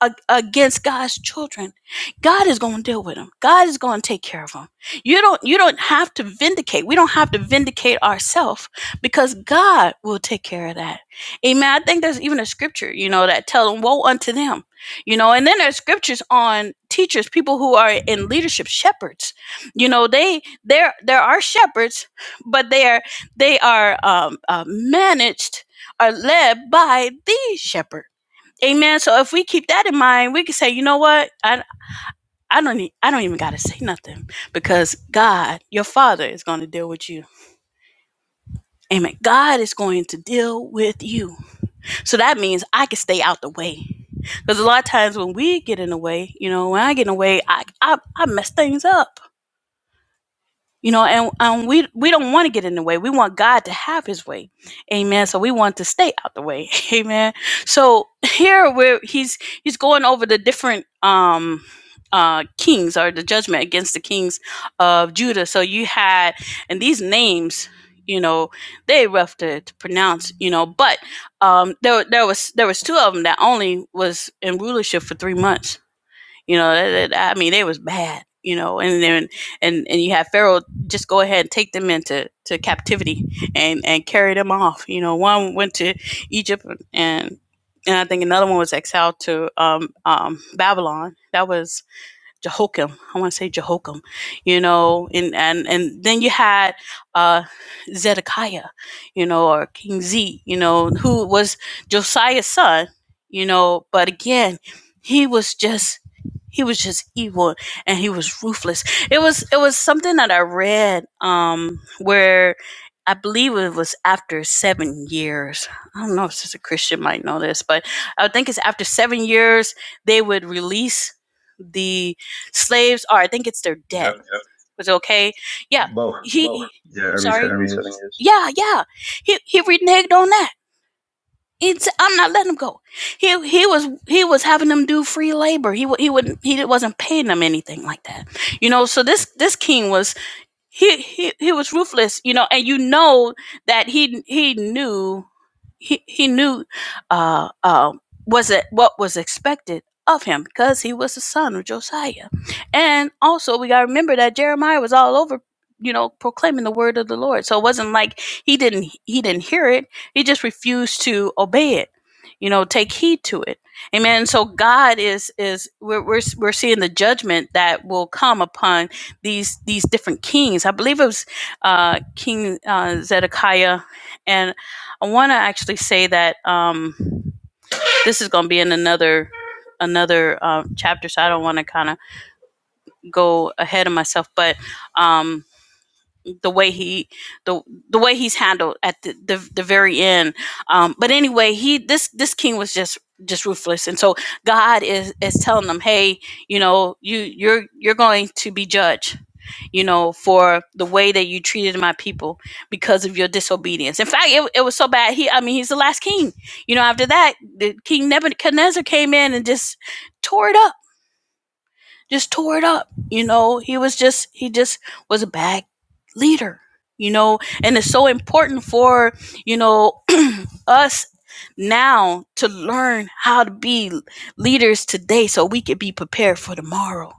Speaker 3: a- against God's children, God is going to deal with them. God is going to take care of them. You don't you don't have to vindicate. We don't have to vindicate ourselves because God will take care of that. Amen. I think there's even a scripture, you know, that tells them woe unto them. You know, and then there's scriptures on teachers, people who are in leadership, shepherds. You know, they there there are shepherds, but they are they are um, uh, managed are led by the shepherd. Amen. So if we keep that in mind, we can say, you know what? I I don't need, I don't even gotta say nothing because God, your father, is gonna deal with you. Amen. God is going to deal with you. So that means I can stay out the way. Because a lot of times when we get in the way, you know, when I get in the way, I I, I mess things up. you know and, and we we don't want to get in the way we want god to have his way amen so we want to stay out the way amen so here where he's he's going over the different um uh kings or the judgment against the kings of judah so you had and these names you know they rough to, to pronounce you know but um there there was there was two of them that only was in rulership for three months you know, that, that- I mean, it was bad. You know, and then and and you have Pharaoh just go ahead and take them into to captivity and and carry them off. You know, one went to Egypt and and I think another one was exiled to um, um, Babylon. That was Jehoiakim. I want to say Jehoiakim, you know, and and and then you had uh, Zedekiah, you know, or King Z, you know, who was Josiah's son, you know, but again, he was just he was just evil and he was ruthless. It was it was something that I read um where I believe it was after seven years. I don't know if Sister Christian might know this, but I think it's after seven years they would release the Slaves are, I think it's their debt.
Speaker 1: Yep.
Speaker 3: Yep. Was okay? Yeah.
Speaker 1: Both.
Speaker 3: He, Lower.
Speaker 1: Yeah, every
Speaker 3: sorry. Yeah,
Speaker 1: seven
Speaker 3: every seven
Speaker 1: years.
Speaker 3: years. Yeah, yeah. He he reneged on that. It's, I'm not letting him go. He he was he was having them do free labor. He he wouldn't he wasn't paying them anything like that. You know, so this this king was he he he was ruthless, you know, and you know that he he knew he he knew uh uh was it what was expected of him because he was the son of Josiah. And also we gotta remember that Jeremiah was all over you know proclaiming the word of the Lord. So it wasn't like he didn't he didn't hear it. He just refused to obey it. You know, take heed to it. Amen. So God is is we're we're, we're seeing the judgment that will come upon these these different kings. I believe it was uh, King uh, Zedekiah, and I want to actually say that um, this is going to be in another another uh, chapter, so I don't want to kind of go ahead of myself. But um, the way he the the way he's handled at the the, the very end. Um, but anyway, he this this king was just just ruthless, and so God is is telling them, hey, you know, you you're you're going to be judged you know, for the way that you treated my people because of your disobedience. In fact, it, it was so bad. He, I mean, he's the last king. You know, after that, the King Nebuchadnezzar came in and just tore it up, just tore it up. You know, he was just, he just was a bad leader, you know, and it's so important for, you know, us now to learn how to be leaders today so we could be prepared for tomorrow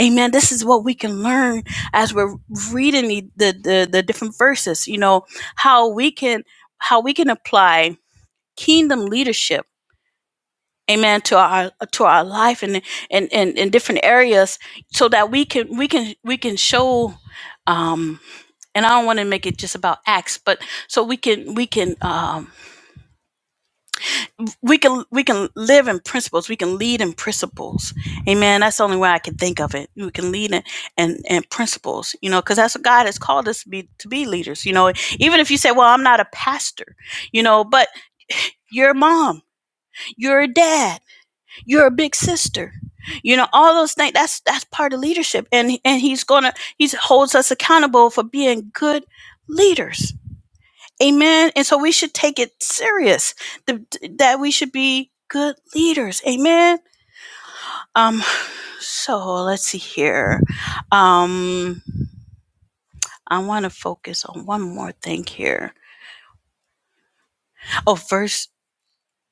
Speaker 3: Amen. This is what we can learn as we're reading the, the, the different verses, you know, how we can how we can apply kingdom leadership, amen, to our to our life and and and in different areas so that we can we can we can show um and I don't want to make it just about acts, but so we can we can um we can we can live in principles we can lead in principles amen that's the only way i can think of it we can lead in and and principles you know because that's what god has called us to be to be leaders you know even if you say well i'm not a pastor you know but you're a mom you're a dad you're a big sister you know all those things that's that's part of leadership and and he's gonna he holds us accountable for being good leaders Amen. And so we should take it serious th- that we should be good leaders. Amen. Um so let's see here. Um I want to focus on one more thing here. Oh, verse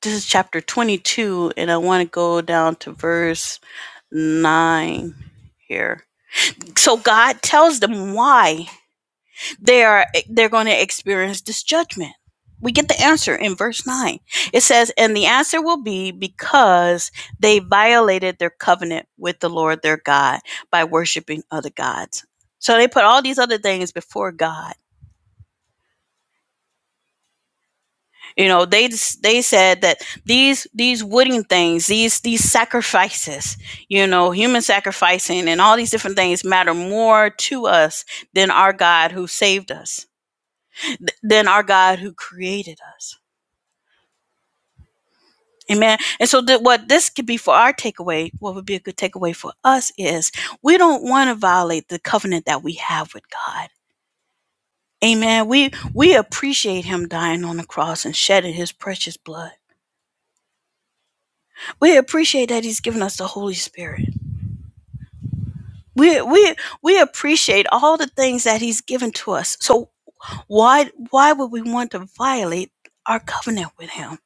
Speaker 3: this is chapter 22 and I want to go down to verse 9 here. So God tells them why they are they're going to experience this judgment we get the answer in verse 9 it says and the answer will be because they violated their covenant with the lord their god by worshiping other gods so they put all these other things before god you know they they said that these these wooden things these these sacrifices you know human sacrificing and all these different things matter more to us than our god who saved us than our god who created us Amen. And so, th- what this could be for our takeaway, what would be a good takeaway for us is we don't want to violate the covenant that we have with God. Amen. We we appreciate Him dying on the cross and shedding His precious blood. We appreciate that He's given us the Holy Spirit. We we we appreciate all the things that He's given to us. So why why would we want to violate our covenant with Him?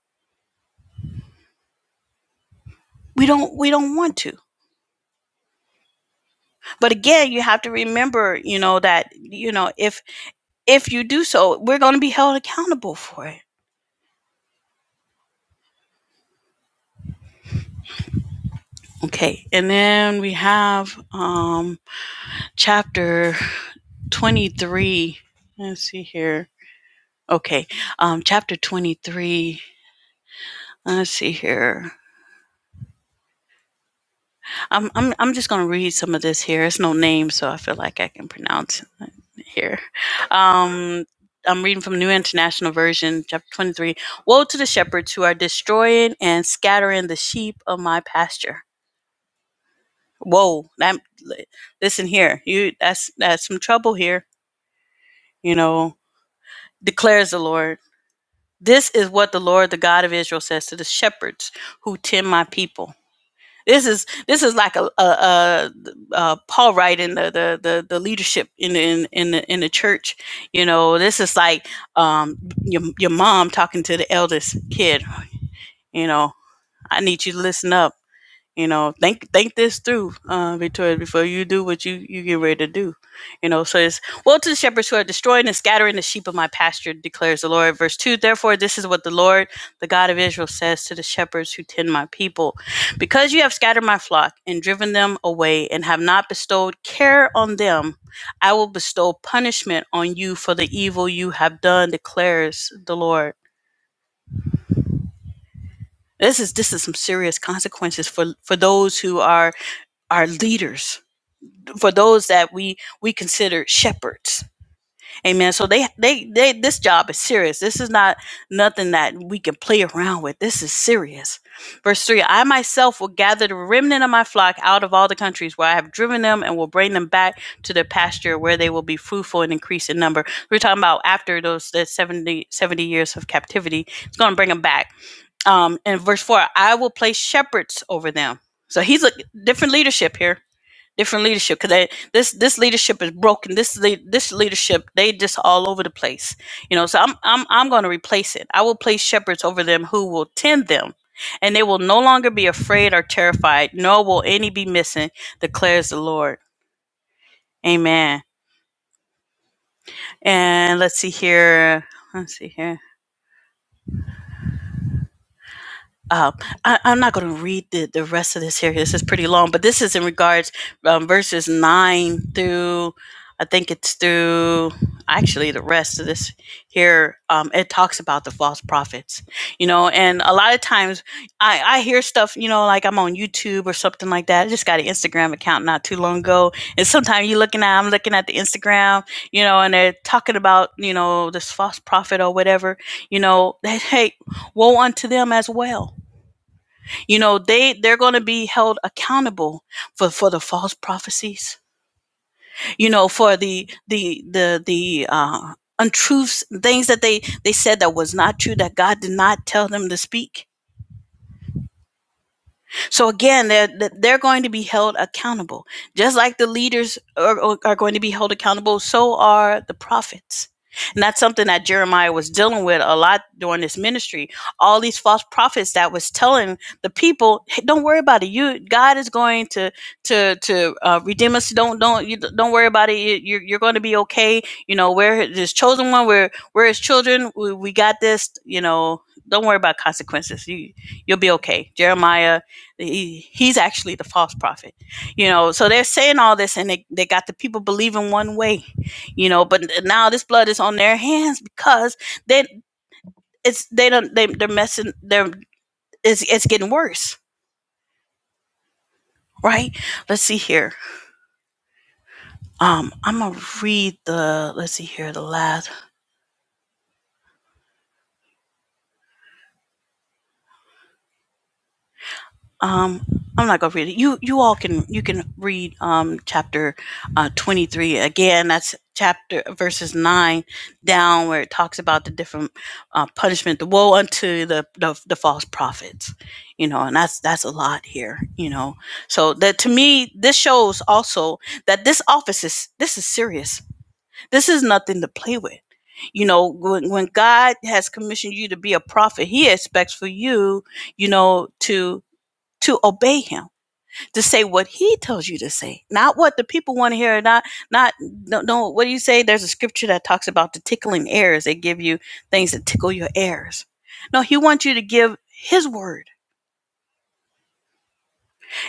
Speaker 3: We don't we don't want to. But again, you have to remember, you know, that you know if If you do so, we're going to be held accountable for it. Okay. And then we have um, chapter 23. Let's see here. Okay. Um, chapter 23. Let's see here. I'm, I'm, I'm just going to read some of this here. It's no name, so I feel like I can pronounce it here. Um, I'm reading from New International Version, chapter 23. Woe to the shepherds who are destroying and scattering the sheep of my pasture whoa that li- listen here you that's that's some trouble here you know declares the lord this is what the lord the god of israel says to the shepherds who tend my people this is this is like a, a, a, uh paul writing the the the, the leadership in the, in in the, in the church you know this is like um your, your mom talking to the eldest kid you know i need you to listen up you know think think this through uh victoria before you do what you you get ready to do you know so it's well to the shepherds who are destroying and scattering the sheep of my pasture declares the lord verse 2 therefore this is what the lord the god of israel says to the shepherds who tend my people because you have scattered my flock and driven them away and have not bestowed care on them i will bestow punishment on you for the evil you have done declares the lord this is this is some serious consequences for for those who are are leaders for those that we we consider shepherds amen so they they they this job is serious this is not nothing that we can play around with this is serious verse 3 i myself will gather the remnant of my flock out of all the countries where i have driven them and will bring them back to their pasture where they will be fruitful and increase in number we're talking about after those the 70 70 years of captivity it's going to bring them back um and verse 4 i will place shepherds over them so he's a different leadership here different leadership because this this leadership is broken this le- this leadership they just all over the place you know so i'm i'm, I'm going to replace it i will place shepherds over them who will tend them and they will no longer be afraid or terrified nor will any be missing declares the lord amen and let's see here let's see here uh, I, I'm not going to read the, the rest of this here. This is pretty long, but this is in regards um, verses nine through, I think it's through actually the rest of this here. Um, it talks about the false prophets, you know, and a lot of times I, I hear stuff, you know, like I'm on YouTube or something like that. I just got an Instagram account not too long ago, and sometimes you looking at I'm looking at the Instagram, you know, and they're talking about you know this false prophet or whatever, you know, that hey, woe unto them as well you know, they they're going to be held accountable for for the false prophecies. You know, for the the the the uh untruths, things that they they said that was not true that God did not tell them to speak So again, they're they're going to be held accountable, just like the leaders are, are going to be held accountable. So are the prophets, and that's something that Jeremiah was dealing with a lot during this ministry. All these false prophets that was telling the people, hey, "Don't worry about it. You, God is going to to to uh, redeem us. Don't don't you don't worry about it. You, you're you're going to be okay. You know, we're His chosen one. We're we're His children. We, we got this. You know." Don't worry about consequences. You you'll be okay. Jeremiah he, he's actually the false prophet, you know. So they're saying all this, and they, they got the people believing one way, you know. But now this blood is on their hands because they it's they don't they, they're messing they're it's it's getting worse, right? Let's see here. Um, I'm gonna read the let's see here the last. Um, I'm not gonna read it. You you all can you can read um, chapter uh, 23 again. That's chapter verses nine down where it talks about the different uh, punishment, the woe unto the, the the false prophets. You know, and that's that's a lot here. You know, so that to me this shows also that this office is this is serious. This is nothing to play with. You know, when when God has commissioned you to be a prophet, He expects for you, you know, to to obey Him to say what he tells you to say, not what the people want to hear. Not, not, no, no. What do you say? There's a scripture that talks about the tickling ears. They give you things that tickle your ears. No, he wants you to give his word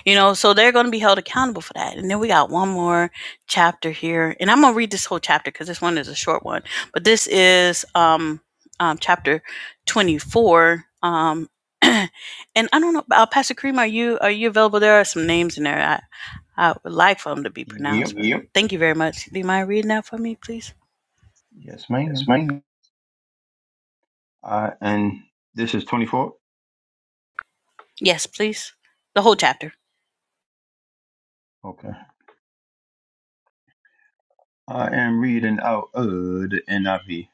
Speaker 3: you know, so they're going to be held accountable for that. And then we got one more chapter here, and I'm going to read this whole chapter because this one is a short one. But this is um, um chapter 24. Um, and I don't know, uh, Pastor Kareem, are you are you available? There are some names in there. I I would like for them to be
Speaker 1: Yep.
Speaker 3: pronounced. Yep. Thank you very much. Do you mind reading that for me, please?
Speaker 1: Yes,
Speaker 3: Yes,
Speaker 1: ma'am.
Speaker 3: ma'am.
Speaker 1: Uh, and this is 24?
Speaker 3: Yes, please. The whole chapter.
Speaker 1: Okay. I am reading out of the NIV.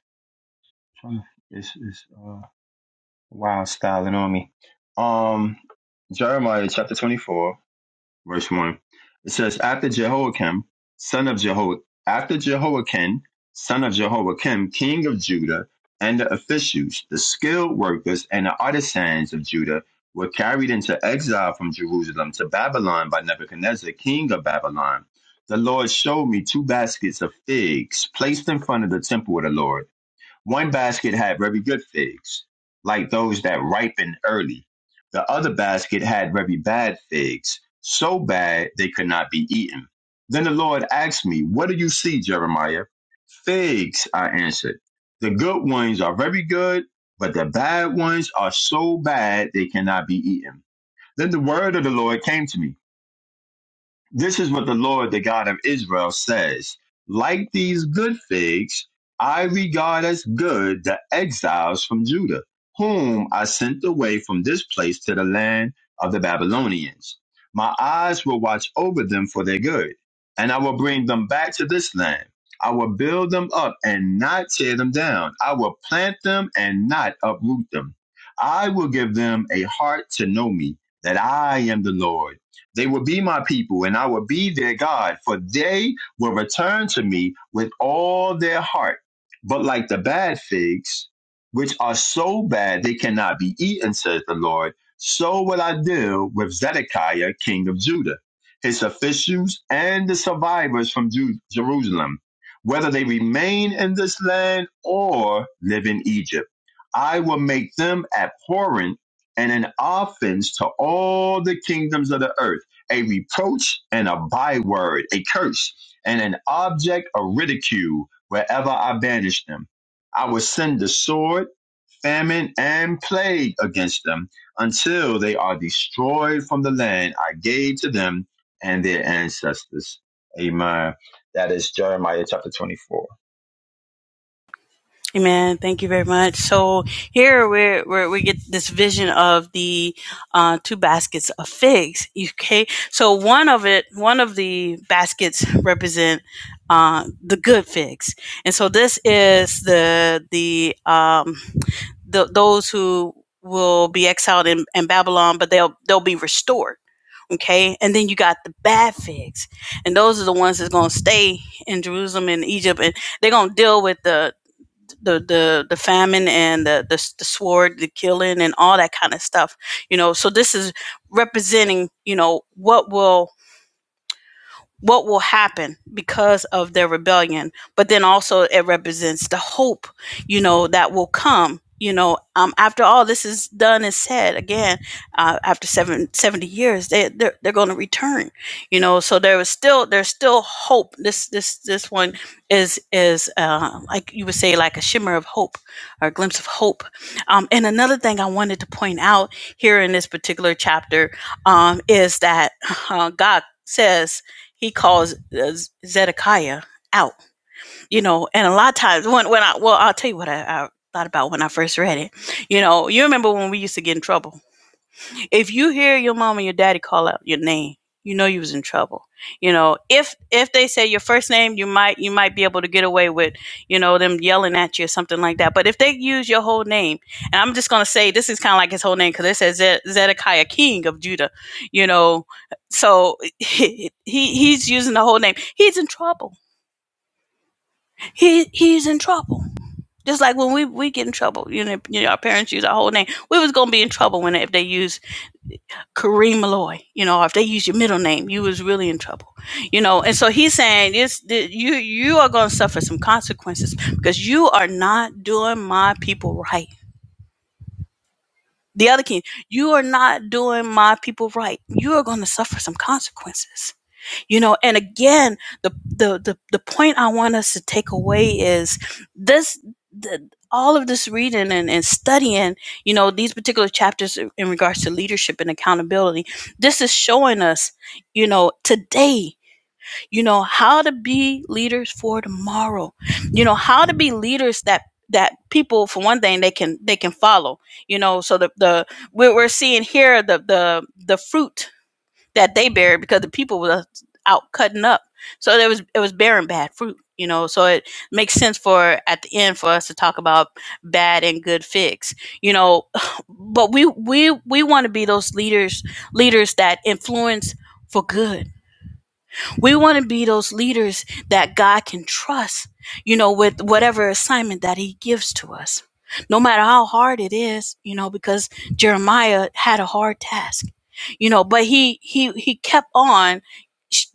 Speaker 1: This is uh, wild styling on me. Um, Jeremiah chapter 24. verse 1. It says, After Jehoiakim, son of Jeho, after Jehoiakim, son of Jehoiakim, king of Judah, and the officials, the skilled workers, and the artisans of Judah were carried into exile from Jerusalem to Babylon by Nebuchadnezzar, king of Babylon. The Lord showed me two baskets of figs placed in front of the temple of the Lord. One basket had very good figs, like those that ripen early. The other basket had very bad figs, so bad they could not be eaten. Then the Lord asked me, What do you see, Jeremiah? Figs, I answered. The good ones are very good, but the bad ones are so bad they cannot be eaten. Then the word of the Lord came to me. This is what the Lord, the God of Israel, says Like these good figs, I regard as good the exiles from Judah, whom I sent away from this place to the land of the Babylonians. My eyes will watch over them for their good, and I will bring them back to this land. I will build them up and not tear them down. I will plant them and not uproot them. I will give them a heart to know me, that I am the Lord they will be my people, and I will be their God, for they will return to me with all their heart. But like the bad figs, which are so bad they cannot be eaten, says the Lord, so will I deal with Zedekiah, king of Judah, his officials, and the survivors from Ju- Jerusalem, whether they remain in this land or live in Egypt. I will make them abhorrent and an offense to all the kingdoms of the earth a reproach and a byword, a curse, and an object of ridicule wherever I banish them. I will send the sword, famine, and plague against them until they are destroyed from the land I gave to them and their ancestors. Amen. That is Jeremiah chapter 24.
Speaker 3: Amen. Thank you very much. So here we're, we're we get this vision of the uh, two baskets of figs. Okay, so one of it, one of the baskets represent uh, the good figs, and so this is the the um, the those who will be exiled in, in Babylon, but they'll they'll be restored. Okay, and then you got the bad figs, and those are the ones that's gonna stay in Jerusalem and Egypt, and they're gonna deal with the the the the famine and the, the the sword, the killing, and all that kind of stuff. You know, so this is representing you know what will what will happen because of their rebellion but then also it represents the hope you know that will come you know um, after all this is done and said again uh, after seven seventy years they, they're, they're going to return you know so there was still there's still hope this this this one is is uh, like you would say like a shimmer of hope or a glimpse of hope um, and another thing i wanted to point out here in this particular chapter um, is that uh, god says he calls uh, Zedekiah out, you know, and a lot of times when, when I, well, I'll tell you what I, I thought about when I first read it. You know, you remember when we used to get in trouble if you hear your mom and your daddy call out your name you know you was in trouble you know if if they say your first name you might you might be able to get away with you know them yelling at you or something like that but if they use your whole name and i'm just going to say this is kind of like his whole name because it says Ze- zedekiah king of judah you know so he he's using the whole name he's in trouble he he's in trouble just like when we we get in trouble you know, you know our parents use our whole name we was going to be in trouble when if they use Kareem Malloy. You know, if they use your middle name, you was really in trouble. You know, and so he's saying "It's you you are going to suffer some consequences because you are not doing my people right. The other king, you are not doing my people right. You are going to suffer some consequences you know and again the the the, the point i want us to take away is this the, all of this reading and, and studying you know these particular chapters in regards to leadership and accountability this is showing us you know today you know how to be leaders for tomorrow you know how to be leaders that that people for one thing they can they can follow you know so the the we're, we're seeing here the the the fruit that they buried because the people were out cutting up. So there was it was bearing bad fruit, you know. So it makes sense for at the end for us to talk about bad and good figs, you know. But we we we want to be those leaders leaders that influence for good we want to be those leaders that God can trust, you know, with whatever assignment that He gives to us, no matter how hard it is, you know, because Jeremiah had a hard task, you know, but he he he kept on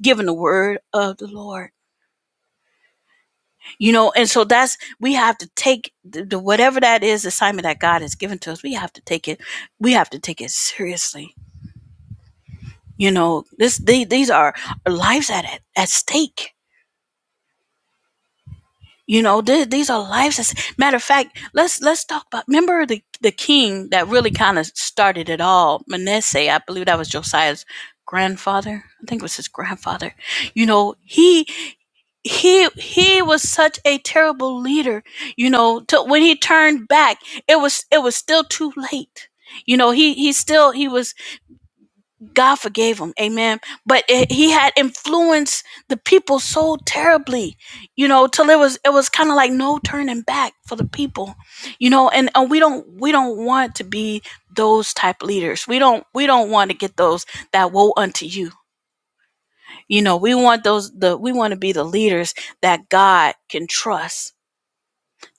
Speaker 3: giving the word of the Lord, you know, and so that's we have to take the, the whatever that is assignment that God has given to us. We have to take it. We have to take it seriously. You know, this the- these are lives at at stake You know, th- these are lives. that's- Matter of fact, let's let's talk about. Remember the the king that really kind of started it all, Manasseh. I believe that was Josiah's grandfather. I think it was his grandfather. You know, he he he was such a terrible leader you know to, when he turned back it was it was still too late you know he he still he was God forgave him, amen. But it, he had influenced the people so terribly, you know, till it was it was kind of like no turning back for the people, you know. And, and we don't we don't want to be those type leaders. We don't we don't want to get those that woe unto you, you know. We want those the we want to be the leaders that God can trust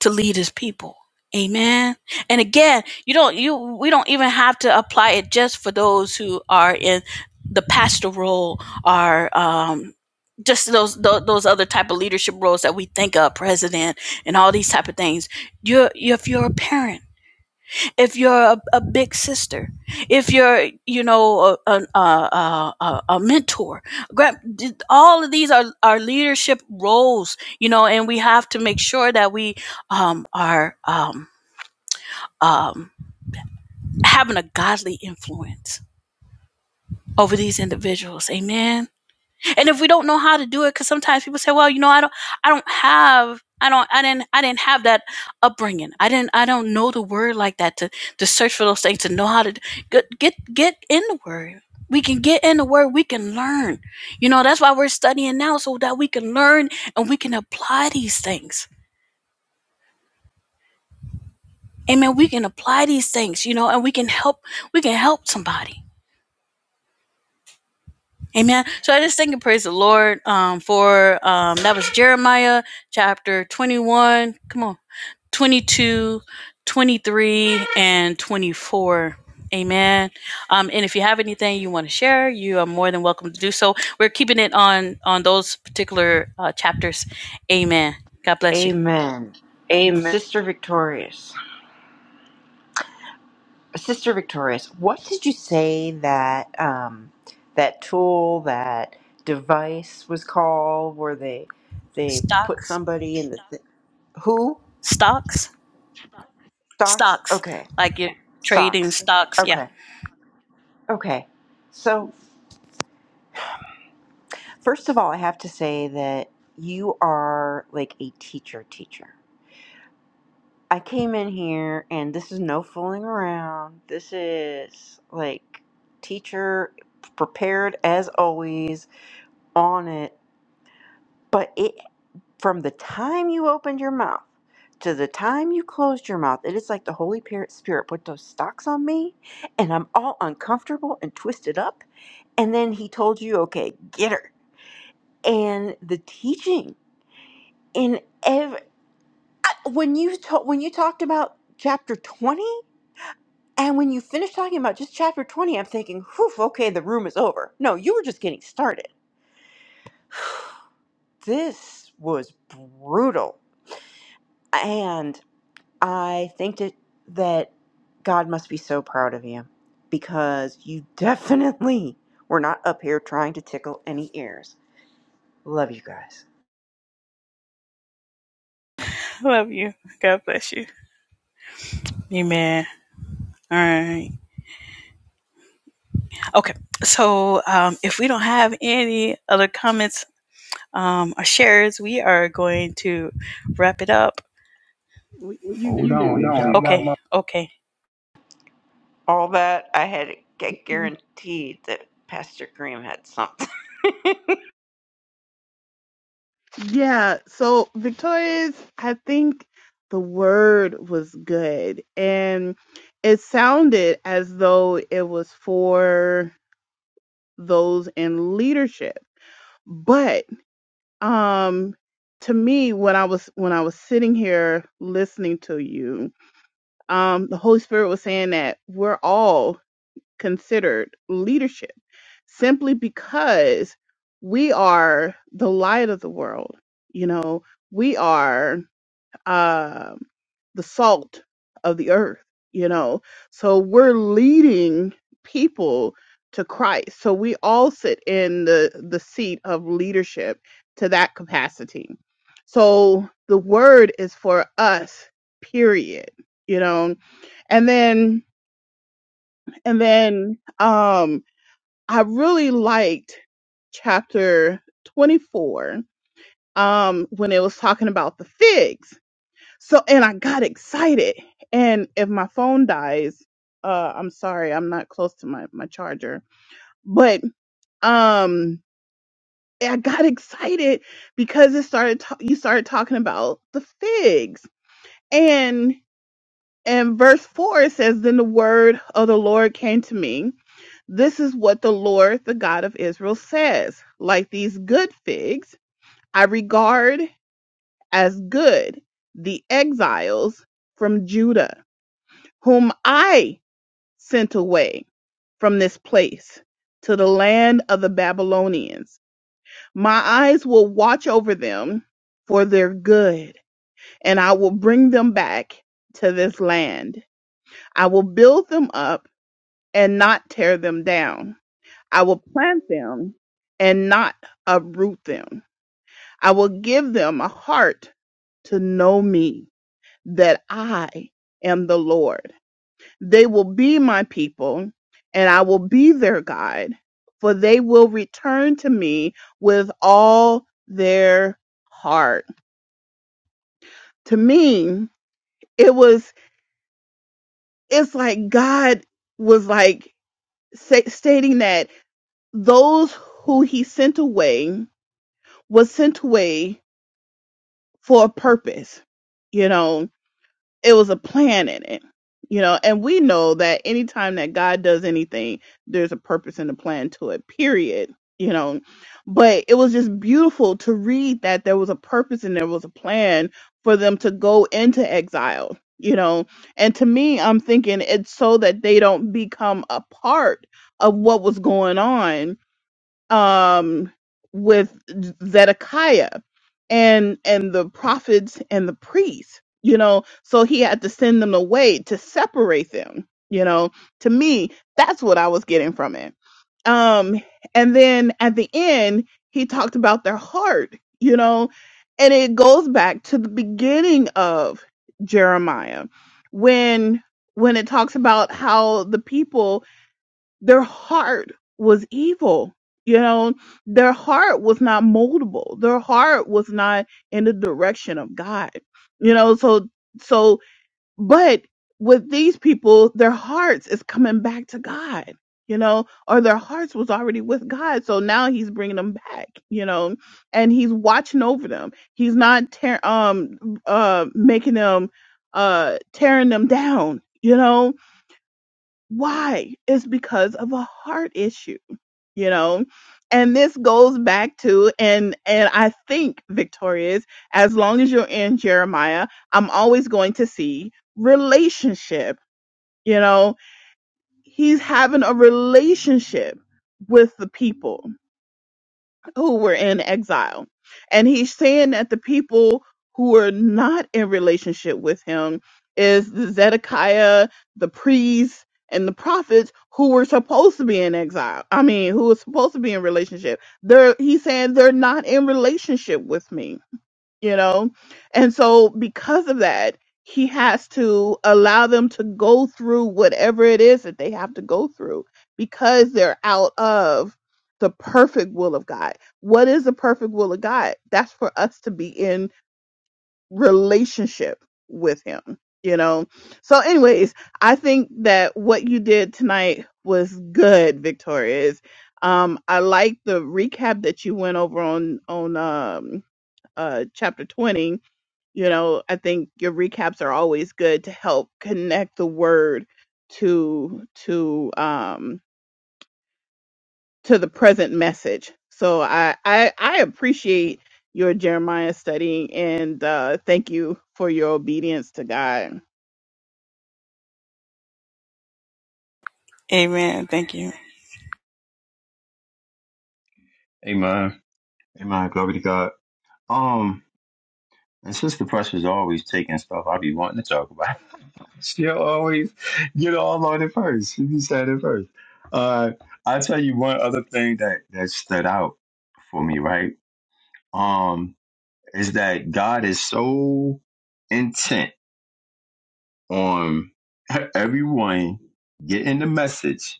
Speaker 3: to lead his people. Amen. And again, you don't you we don't even have to apply it just for those who are in the pastoral or um just those, those those other type of leadership roles that we think of, president and all these type of things. You're if you're a parent if you're a, a big sister, if you're, you know, a, a, a, a, a mentor, grab, all of these are, are leadership roles, you know, and we have to make sure that we um, are um, um, having a godly influence over these individuals. Amen. and if we don't know how to do it because sometimes people say well you know i don't i don't have i don't i didn't i didn't have that upbringing i didn't i don't know the word like that to to search for those things to know how to get get, get in the word we can get in the word we can learn you know that's why we're studying now so that we can learn and we can apply these things amen we can apply these things you know and we can help we can help somebody Amen. So I just think and praise the Lord um, for um, that was Jeremiah chapter 21. Come on. 22, 23, and 24. Amen. Um, and if you have anything you want to share, you are more than welcome to do so. We're keeping it on on those particular uh, chapters. Amen. God bless you.
Speaker 2: Amen.
Speaker 3: Amen.
Speaker 2: Sister Victorious. Sister Victorious, what did you say that um that tool, that device was called where they they put
Speaker 3: Stocks,
Speaker 2: somebody in the Who?
Speaker 3: stocks,
Speaker 2: Stocks?
Speaker 3: stocks.
Speaker 2: Okay.
Speaker 3: Like you're trading
Speaker 2: Stocks.
Speaker 3: stocks. Yeah.
Speaker 2: Okay. Okay. So, first of all, I have to say that you are like a teacher teacher. I came in here and this is no fooling around. This is like teacher prepared as always on it. But it from the time you opened your mouth to the time you closed your mouth, it is like the Holy Spirit Spirit put those stocks on me and I'm all uncomfortable and twisted up and then he told you, okay, get her. And the teaching in every when you ta- when you talked about chapter twenty, and when you finished talking about just chapter twenty, I'm thinking, whew, okay, the room is over. No, you were just getting started. This was brutal, and I think that that God must be so proud of you because you definitely were not up here trying to tickle any ears. Love you guys.
Speaker 3: Love you. God bless you. Amen. All right. Okay. So um, if we don't have any other comments um, or shares, we are going to wrap it up.
Speaker 4: What you
Speaker 3: You
Speaker 4: do,
Speaker 3: do. Hold on, you got Okay. Got my Okay.
Speaker 2: all that, I had it
Speaker 4: Victoria?
Speaker 2: guaranteed that Pastor Graham had something.
Speaker 4: Yeah. So Victoria's, I think the word was good, and it sounded as though it was for those in leadership. But um, to me, when I was when I was sitting here listening to you, um, the Holy Spirit was saying that we're all considered leadership simply because we are the light of the world. You know, we are um, the salt of the earth, you know. So we're leading people to Christ. So we all sit in the, the seat of leadership to that capacity. So the word is for us, period, you know. And then, and then, um I really liked chapter 24 um, when it was talking about the figs. So, and I got excited. And if my phone dies, uh, I'm sorry, I'm not close to my, my charger, but um, eh, I got excited because it started, ta- you started talking about the figs. And, and verse 4 it says, Then the word of the Lord came to me This is what the Lord, the God of Israel, says Like these good figs, I regard as good the exiles from Judah, whom I sent away from this place to the land of the Babylonians. My eyes will watch over them for their good, and I will bring them back to this land. I will build them up and not tear them down. I will plant them and not uproot them. I will give them a heart to know me, that I am the Lord. They will be my people, and I will be their God, for they will return to me with all their heart. To me, it was, it's like God was like sa- stating that those who he sent away was sent away for a purpose. You know, it was a plan in it. You know, and we know that anytime that God does anything, there's a purpose and a plan to it, period. You know, but it was just beautiful to read that there was a purpose and there was a plan for them to go into exile, you know. And to me, I'm thinking it's so that they don't become a part of what was going on um, with Zedekiah and and the prophets and the priests. You know, so he had to send them away to separate them. You know, to me, that's what I was getting from it. Um, and then at the end, he talked about their heart. You know, and it goes back to the beginning of Jeremiah when when it talks about how the people their heart was evil. You know, their heart was not moldable. Their heart was not in the direction of God. You know, so, so, but with these people, their hearts is coming back to God, you know, or their hearts was already with God. So now he's bringing them back, you know, and he's watching over them. He's not, tear um, uh, making them, uh, tearing them down, you know, why? It's because of a heart issue, you know? And this goes back to and and I think Victoria is as long as you're in Jeremiah, I'm always going to see relationship, you know? He's having a relationship with the people who were in exile. And he's saying that the people who are not in relationship with him is the Zedekiah, the priests, and the prophets who were supposed to be in exile. I mean, who was supposed to be in relationship. They're he's saying they're not in relationship with me you know? And so because of that, he has to allow them to go through whatever it is that they have to go through because they're out of the perfect will of God. What is the perfect will of God? That's for us to be in relationship with him, you know? So anyways, I think that what you did tonight was good, Victoria. It's, Um, I like the recap that you went over on on um uh chapter 20 you know i think your recaps are always good to help connect the word to to um to the present message so i i, I appreciate your jeremiah studying and uh thank you for your obedience to god
Speaker 3: Amen. Thank you.
Speaker 1: Amen. Amen. Glory to God. Um, and since the pressure's always taking stuff, I be wanting to talk about. She'll always get all on it first. She be saying it first. Uh, I'll tell you one other thing that, that stood out for me, right? Um, is that God is so intent on everyone getting the message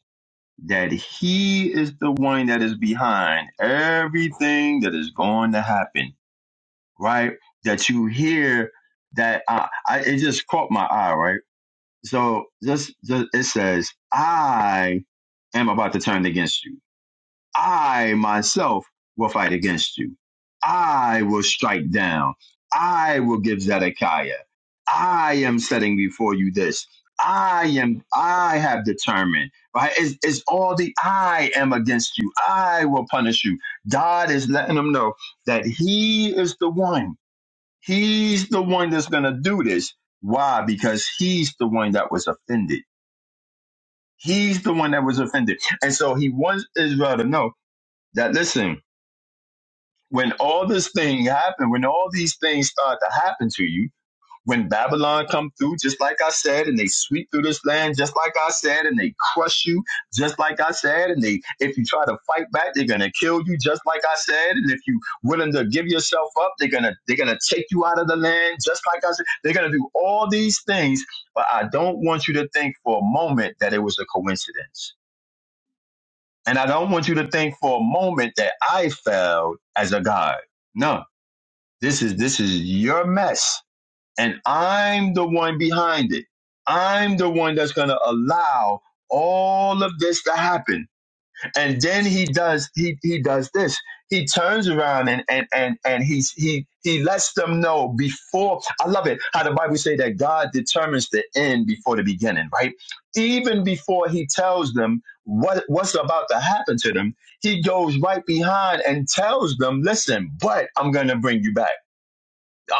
Speaker 1: that He is the one that is behind everything that is going to happen, right? That you hear that uh, I, it just caught my eye, right? So just, just it says, I am about to turn against you. I myself will fight against you. I will strike down. I will give Zedekiah. I am setting before you this. I am, I have determined, right? It's, it's all the I am against you. I will punish you. God is letting them know that He is the one He's the one that's going to do this. Why? Because he's the one that was offended. He's the one that was offended. And so he wants Israel to know that, listen, when all this thing happened, when all these things start to happen to you, when Babylon come through, just like I said, and they sweep through this land, just like I said, and they crush you, just like I said, and they if you try to fight back, they're gonna kill you, just like I said, and if you willing to give yourself up, they're gonna they're gonna take you out of the land, just like I said, they're gonna do all these things, but I don't want you to think for a moment that it was a coincidence, and I don't want you to think for a moment that I failed as a God. No, this is this is your mess and I'm the one behind it. I'm the one that's going to allow all of this to happen. And then he does he he does this. He turns around and and and and he he he lets them know before I love it how the Bible say that God determines the end before the beginning, right? Even before he tells them what what's about to happen to them, he goes right behind and tells them, "Listen, but I'm going to bring you back."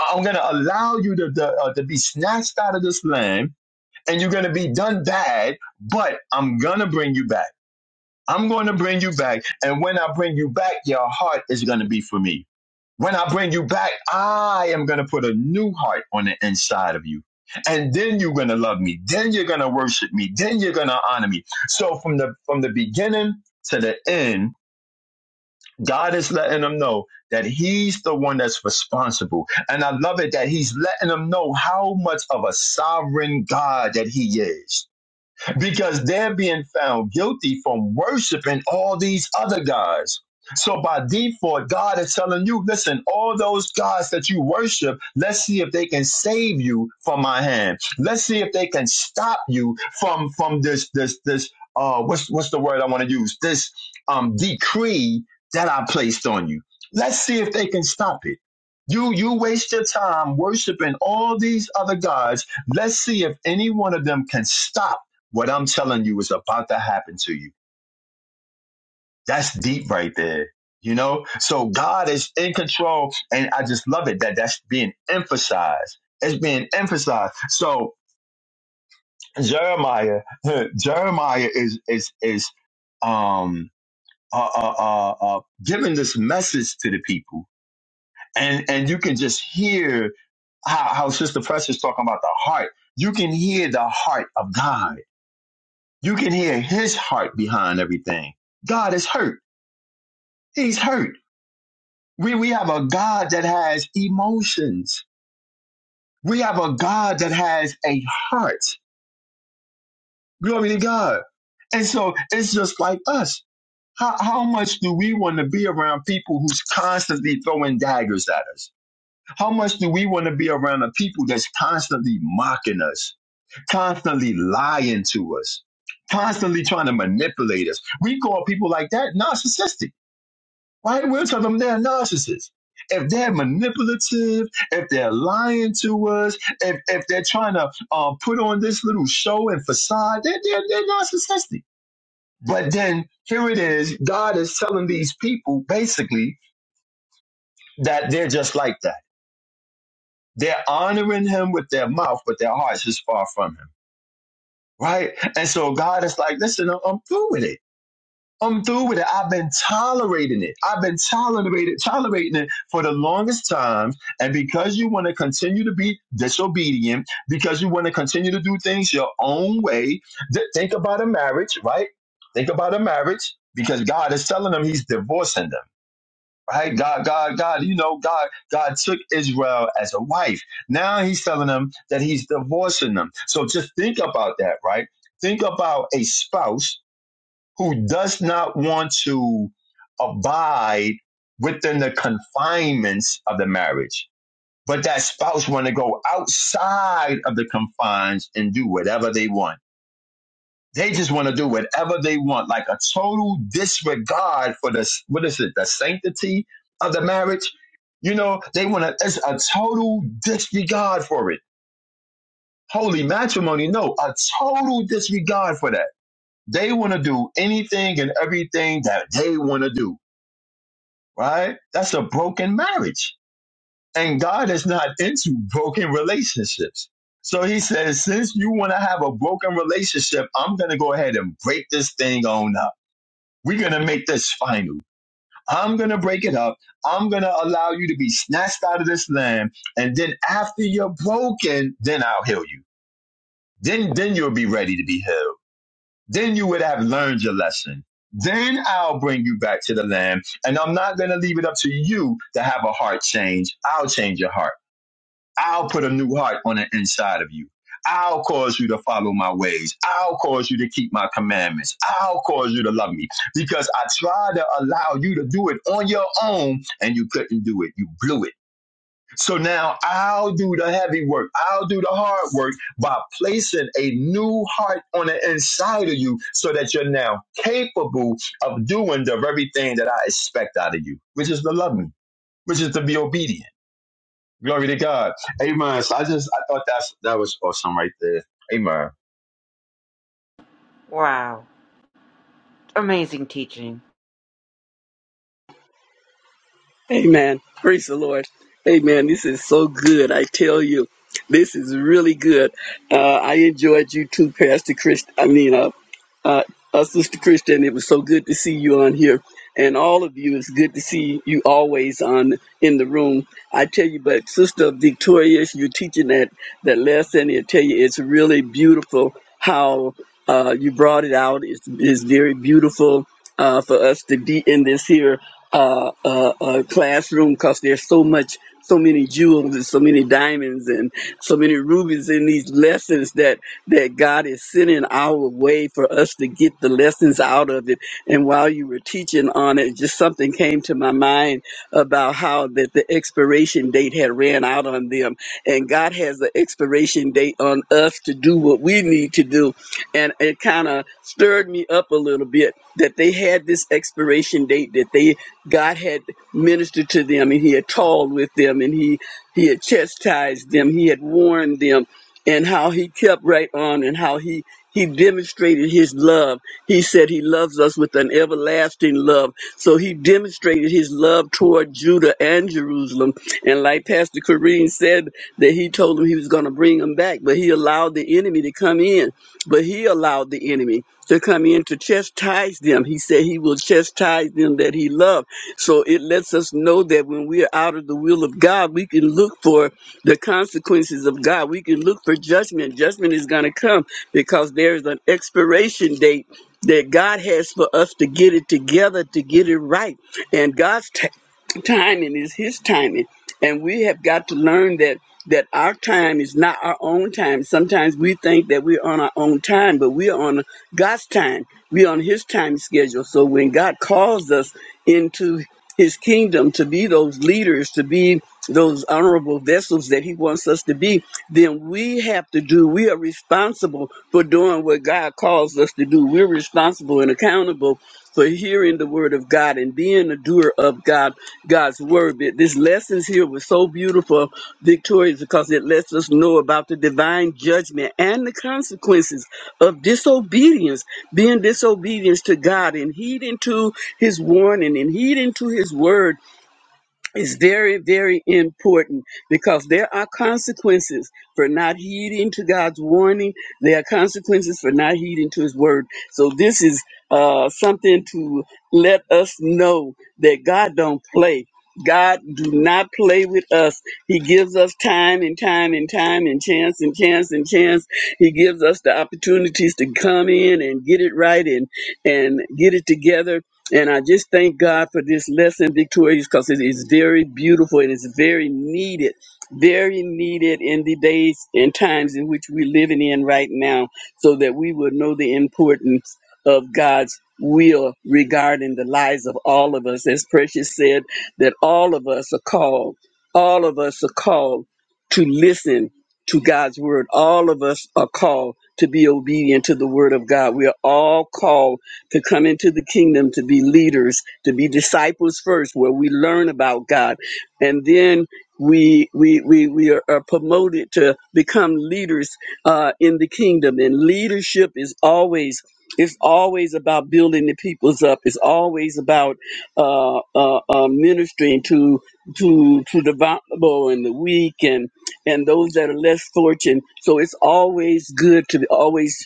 Speaker 1: I'm going to allow you to, to, uh, to be snatched out of this land and you're going to be done bad, but I'm going to bring you back. I'm going to bring you back. And when I bring you back, your heart is going to be for me. When I bring you back, I am going to put a new heart on the inside of you. And then you're going to love me. Then you're going to worship me. Then you're going to honor me. So from the, from the beginning to the end, God is letting them know that He's the one that's responsible. And I love it that He's letting them know how much of a sovereign God that He is because they're being found guilty from worshiping all these other gods. So by default, God is telling you, listen, all those gods that you worship, let's see if they can save you from my hand. Let's see if they can stop you from from this this this uh what's what's the word I want to use? This um decree that I placed on you. Let's see if they can stop it. You you waste your time worshiping all these other gods. Let's see if any one of them can stop what I'm telling you is about to happen to you. That's deep right there. You know? So God is in control. And I just love it that that's being emphasized. It's being emphasized. So Jeremiah, Jeremiah is, is, is, um, uh, uh, uh, uh, giving this message to the people. And, and you can just hear how, how Sister Press is talking about the heart. You can hear the heart of God. You can hear his heart behind everything. God is hurt. He's hurt. We, we have a God that has emotions. We have a God that has a heart. Glory to God. And so it's just like us. How, how much do we want to be around people who's constantly throwing daggers at us? How much do we want to be around the people that's constantly mocking us, constantly lying to us, constantly trying to manipulate us? We call people like that narcissistic. right? We're telling them they're narcissists. If they're manipulative, if they're lying to us, if, if they're trying to uh, put on this little show and facade, they're, they're, they're narcissistic. But then here it is God is telling these people basically that they're just like that. They're honoring him with their mouth, but their hearts is far from him, right? And so God is like, listen, I'm I'm through with it. I'm through with it. I've been tolerating it. I've been tolerated, tolerating it for the longest time. And because you want to continue to be disobedient, because you want to continue to do things your own way, th- think about a marriage, right? Think about a marriage because God is telling them He's divorcing them, right? God, God, God, you know, God, God took Israel as a wife. Now He's telling them that He's divorcing them. So just think about that, right? Think about a spouse who does not want to abide within the confinements of the marriage but that spouse want to go outside of the confines and do whatever they want they just want to do whatever they want like a total disregard for the what is it the sanctity of the marriage you know they want to it's a total disregard for it holy matrimony no a total disregard for that they want to do anything and everything that they want to do right? That's a broken marriage. And God is not into broken relationships. So he says, since you want to have a broken relationship, I'm going to go ahead and break this thing on up. We're going to make this final. I'm going to break it up. I'm going to allow you to be snatched out of this land. And then after you're broken, then I'll heal you. Then, then you'll be ready to be healed then you would have learned your lesson. Then I'll bring you back to the land. And I'm not going to leave it up to you to have a heart change. I'll change your heart. I'll put a new heart on the inside of you. I'll cause you to follow my ways. I'll cause you to keep my commandments. I'll cause you to love me because I tried to allow you to do it on your own and you couldn't do it. You blew it. So now I'll do the heavy work. I'll do the hard work by placing a new heart on the inside of you so that you're now capable of doing the very thing that I expect out of you, which is to love me, which is to be obedient. Glory to God. Amen. So I just, I thought that's, that was awesome right there. Amen.
Speaker 2: wow. Amazing teaching.
Speaker 5: Amen. Praise the Lord. Amen. This is so good. I tell you, this is really good. Uh, I enjoyed you too, Pastor Chris. I mean, uh, uh, uh, Sister Christian. It was so good to see you on here, and all of you. It's good to see you always on in the room. I tell you, but Sister Victorious, you're teaching that that lesson. I tell you, it's really beautiful how uh, you brought it out. It's, it's very beautiful uh, for us to be in this here uh, uh, uh, classroom because there's so much, so many jewels and so many diamonds and so many rubies in these lessons that that God is sending our way for us to get the lessons out of it. And while you were teaching on it, just something came to my mind about how that the expiration date had ran out on them, and God has an expiration date on us to do what we need to do, and it kind of stirred me up a little bit that they had this expiration date that they God had ministered to them and he had talked with them and he he had chastised them, he had warned them and how he kept right on and how he he demonstrated his love. He said he loves us with an everlasting love. So he demonstrated his love toward Judah and Jerusalem. And like Pastor Kareem said, that he told them he was going to bring them back, but he allowed the enemy to come in. But he allowed the enemy to come in to chastise them. He said he will chastise them that he loved. So it lets us know that when we are out of the will of God, we can look for the consequences of God. We can look for judgment. Judgment is going to come because there is an expiration date that God has for us to get it together, to get it right. And God's t- timing is his timing. And we have got to learn that that our time is not our own time. Sometimes we think that we're on our own time, but we're on God's time. We're on His time schedule. So when God calls us into His kingdom to be those leaders, to be those honorable vessels that He wants us to be, then we have to do, we are responsible for doing what God calls us to do. We're responsible and accountable for hearing the word of God and being a doer of God God's word. But This lessons here was so beautiful, victorious, because it lets us know about the divine judgment and the consequences of disobedience, being disobedience to God and heeding to his warning and heeding to his word is very, very important because there are consequences for not heeding to God's warning. There are consequences for not heeding to His word. So this is uh, something to let us know that God don't play. God do not play with us. He gives us time and time and time and chance and chance and chance. He gives us the opportunities to come in and get it right and and get it together and I just thank God for this lesson, Victorious, because it is very beautiful and it's very needed, very needed in the days and times in which we're living in right now, so that we will know the importance of God's will regarding the lives of all of us. As Precious said, that all of us are called, all of us are called to listen to God's word, all of us are called to be obedient to the word of God. We are all called to come into the kingdom, to be leaders, to be disciples first, where we learn about God. And then we we we, we are, are promoted to become leaders uh, in the kingdom. And leadership is always it's always about building the peoples up. It's always about uh, uh, uh, ministering to to to the vulnerable and the weak and and those that are less fortunate. So it's always good to always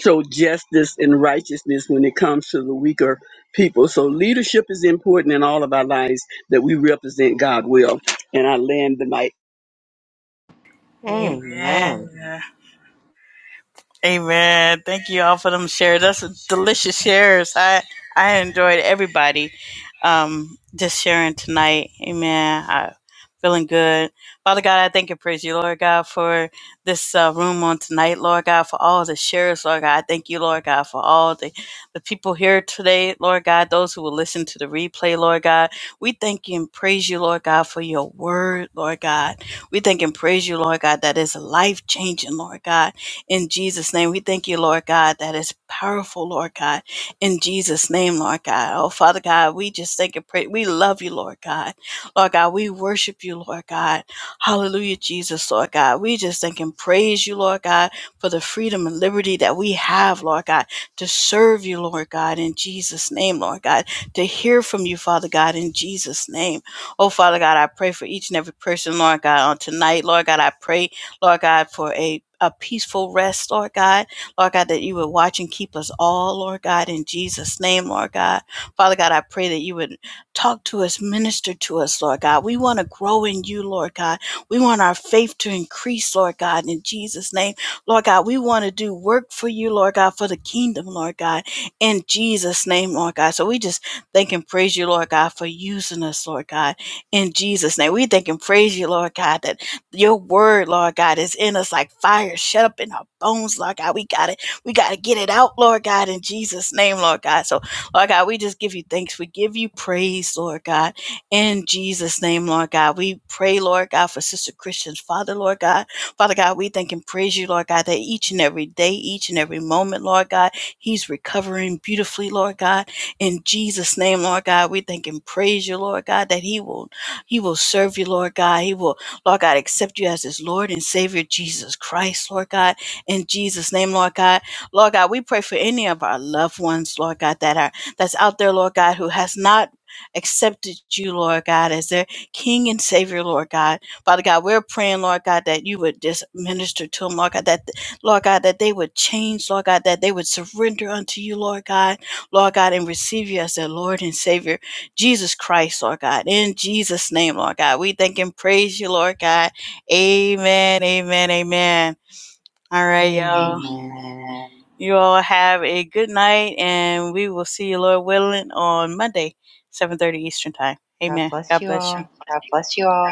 Speaker 5: show justice and righteousness when it comes to the weaker people. So leadership is important in all of our lives that we represent God well. And I land the mic.
Speaker 3: Amen.
Speaker 2: Amen.
Speaker 3: Amen. Thank you all for them shares. That's delicious shares. I I enjoyed everybody um just sharing tonight. Amen. I feeling good. Father God, I thank and praise you, Lord God, for this uh, room on tonight, Lord God, for all the shares, Lord God. I thank you, Lord God, for all the, the people here today, Lord God, those who will listen to the replay, Lord God. We thank you and praise you, Lord God, for your word, Lord God. We thank and praise you, Lord God, that is life changing, Lord God in Jesus' name. We thank you, Lord God, that is powerful, Lord God, in Jesus' name, Lord God. Oh, Father God, we just thank and pray. We love you, Lord God. Lord God, we worship you, Lord God. Hallelujah, Jesus, Lord God. We just thank and praise you, Lord God, for the freedom and liberty that we have, Lord God, to serve you, Lord God, in Jesus' name, Lord God, to hear from you, Father God, in Jesus' name. Oh, Father God, I pray for each and every person, Lord God, on tonight. Lord God, I pray Lord God, for a, a peaceful rest, Lord God. Lord God, that you would watch and keep us all, Lord God, in Jesus' name, Lord God. Father God, I pray that you would talk to us, minister to us, Lord God. We want to grow in you, Lord God. We want our faith to increase, Lord God, in Jesus' name. Lord God, we want to do work for you, Lord God, for the kingdom, Lord God, in Jesus' name, Lord God. So we just thank and praise you, Lord God, for using us, Lord God, in Jesus' name. We thank and praise you, Lord God, that your word, Lord God, is in us like fire shut up in our bones, Lord God. We got it. We got to get it out, Lord God, in Jesus' name, Lord God. So, Lord God, we just give you thanks. We give you praise, Lord God, in Jesus' name, Lord God. We pray, Lord God, for Sister Christian's Father, Lord God. Father God, we thank and praise you, Lord God, that each and every day, each and every moment, Lord God, he's recovering beautifully, Lord God. In Jesus' name, Lord God, we thank and praise you, Lord God, that he will he will serve you, Lord God. He will Lord God, accept you as his Lord and Savior, Jesus Christ, Lord God, in Jesus' name, Lord God. Lord God, we pray for any of our loved ones, Lord God, that are that's out there, Lord God, who has not accepted you, Lord God, as their King and Savior, Lord God. Father God, we're praying, Lord God, that you would just minister to them, Lord God, that Lord God, that they would change, Lord God, that they would surrender unto you, Lord God, Lord God, and receive you as their Lord and Savior. Jesus Christ, Lord God. In Jesus' name, Lord God. We thank and praise you, Lord God. Amen, amen, amen. All right, y'all.
Speaker 2: Amen.
Speaker 3: Amen. You all have a good night, and we will see you, Lord willing, on Monday, 7.30 Eastern Time.
Speaker 2: God
Speaker 3: Amen.
Speaker 2: bless
Speaker 3: God
Speaker 2: you
Speaker 3: bless you.
Speaker 2: all.
Speaker 3: God bless you all.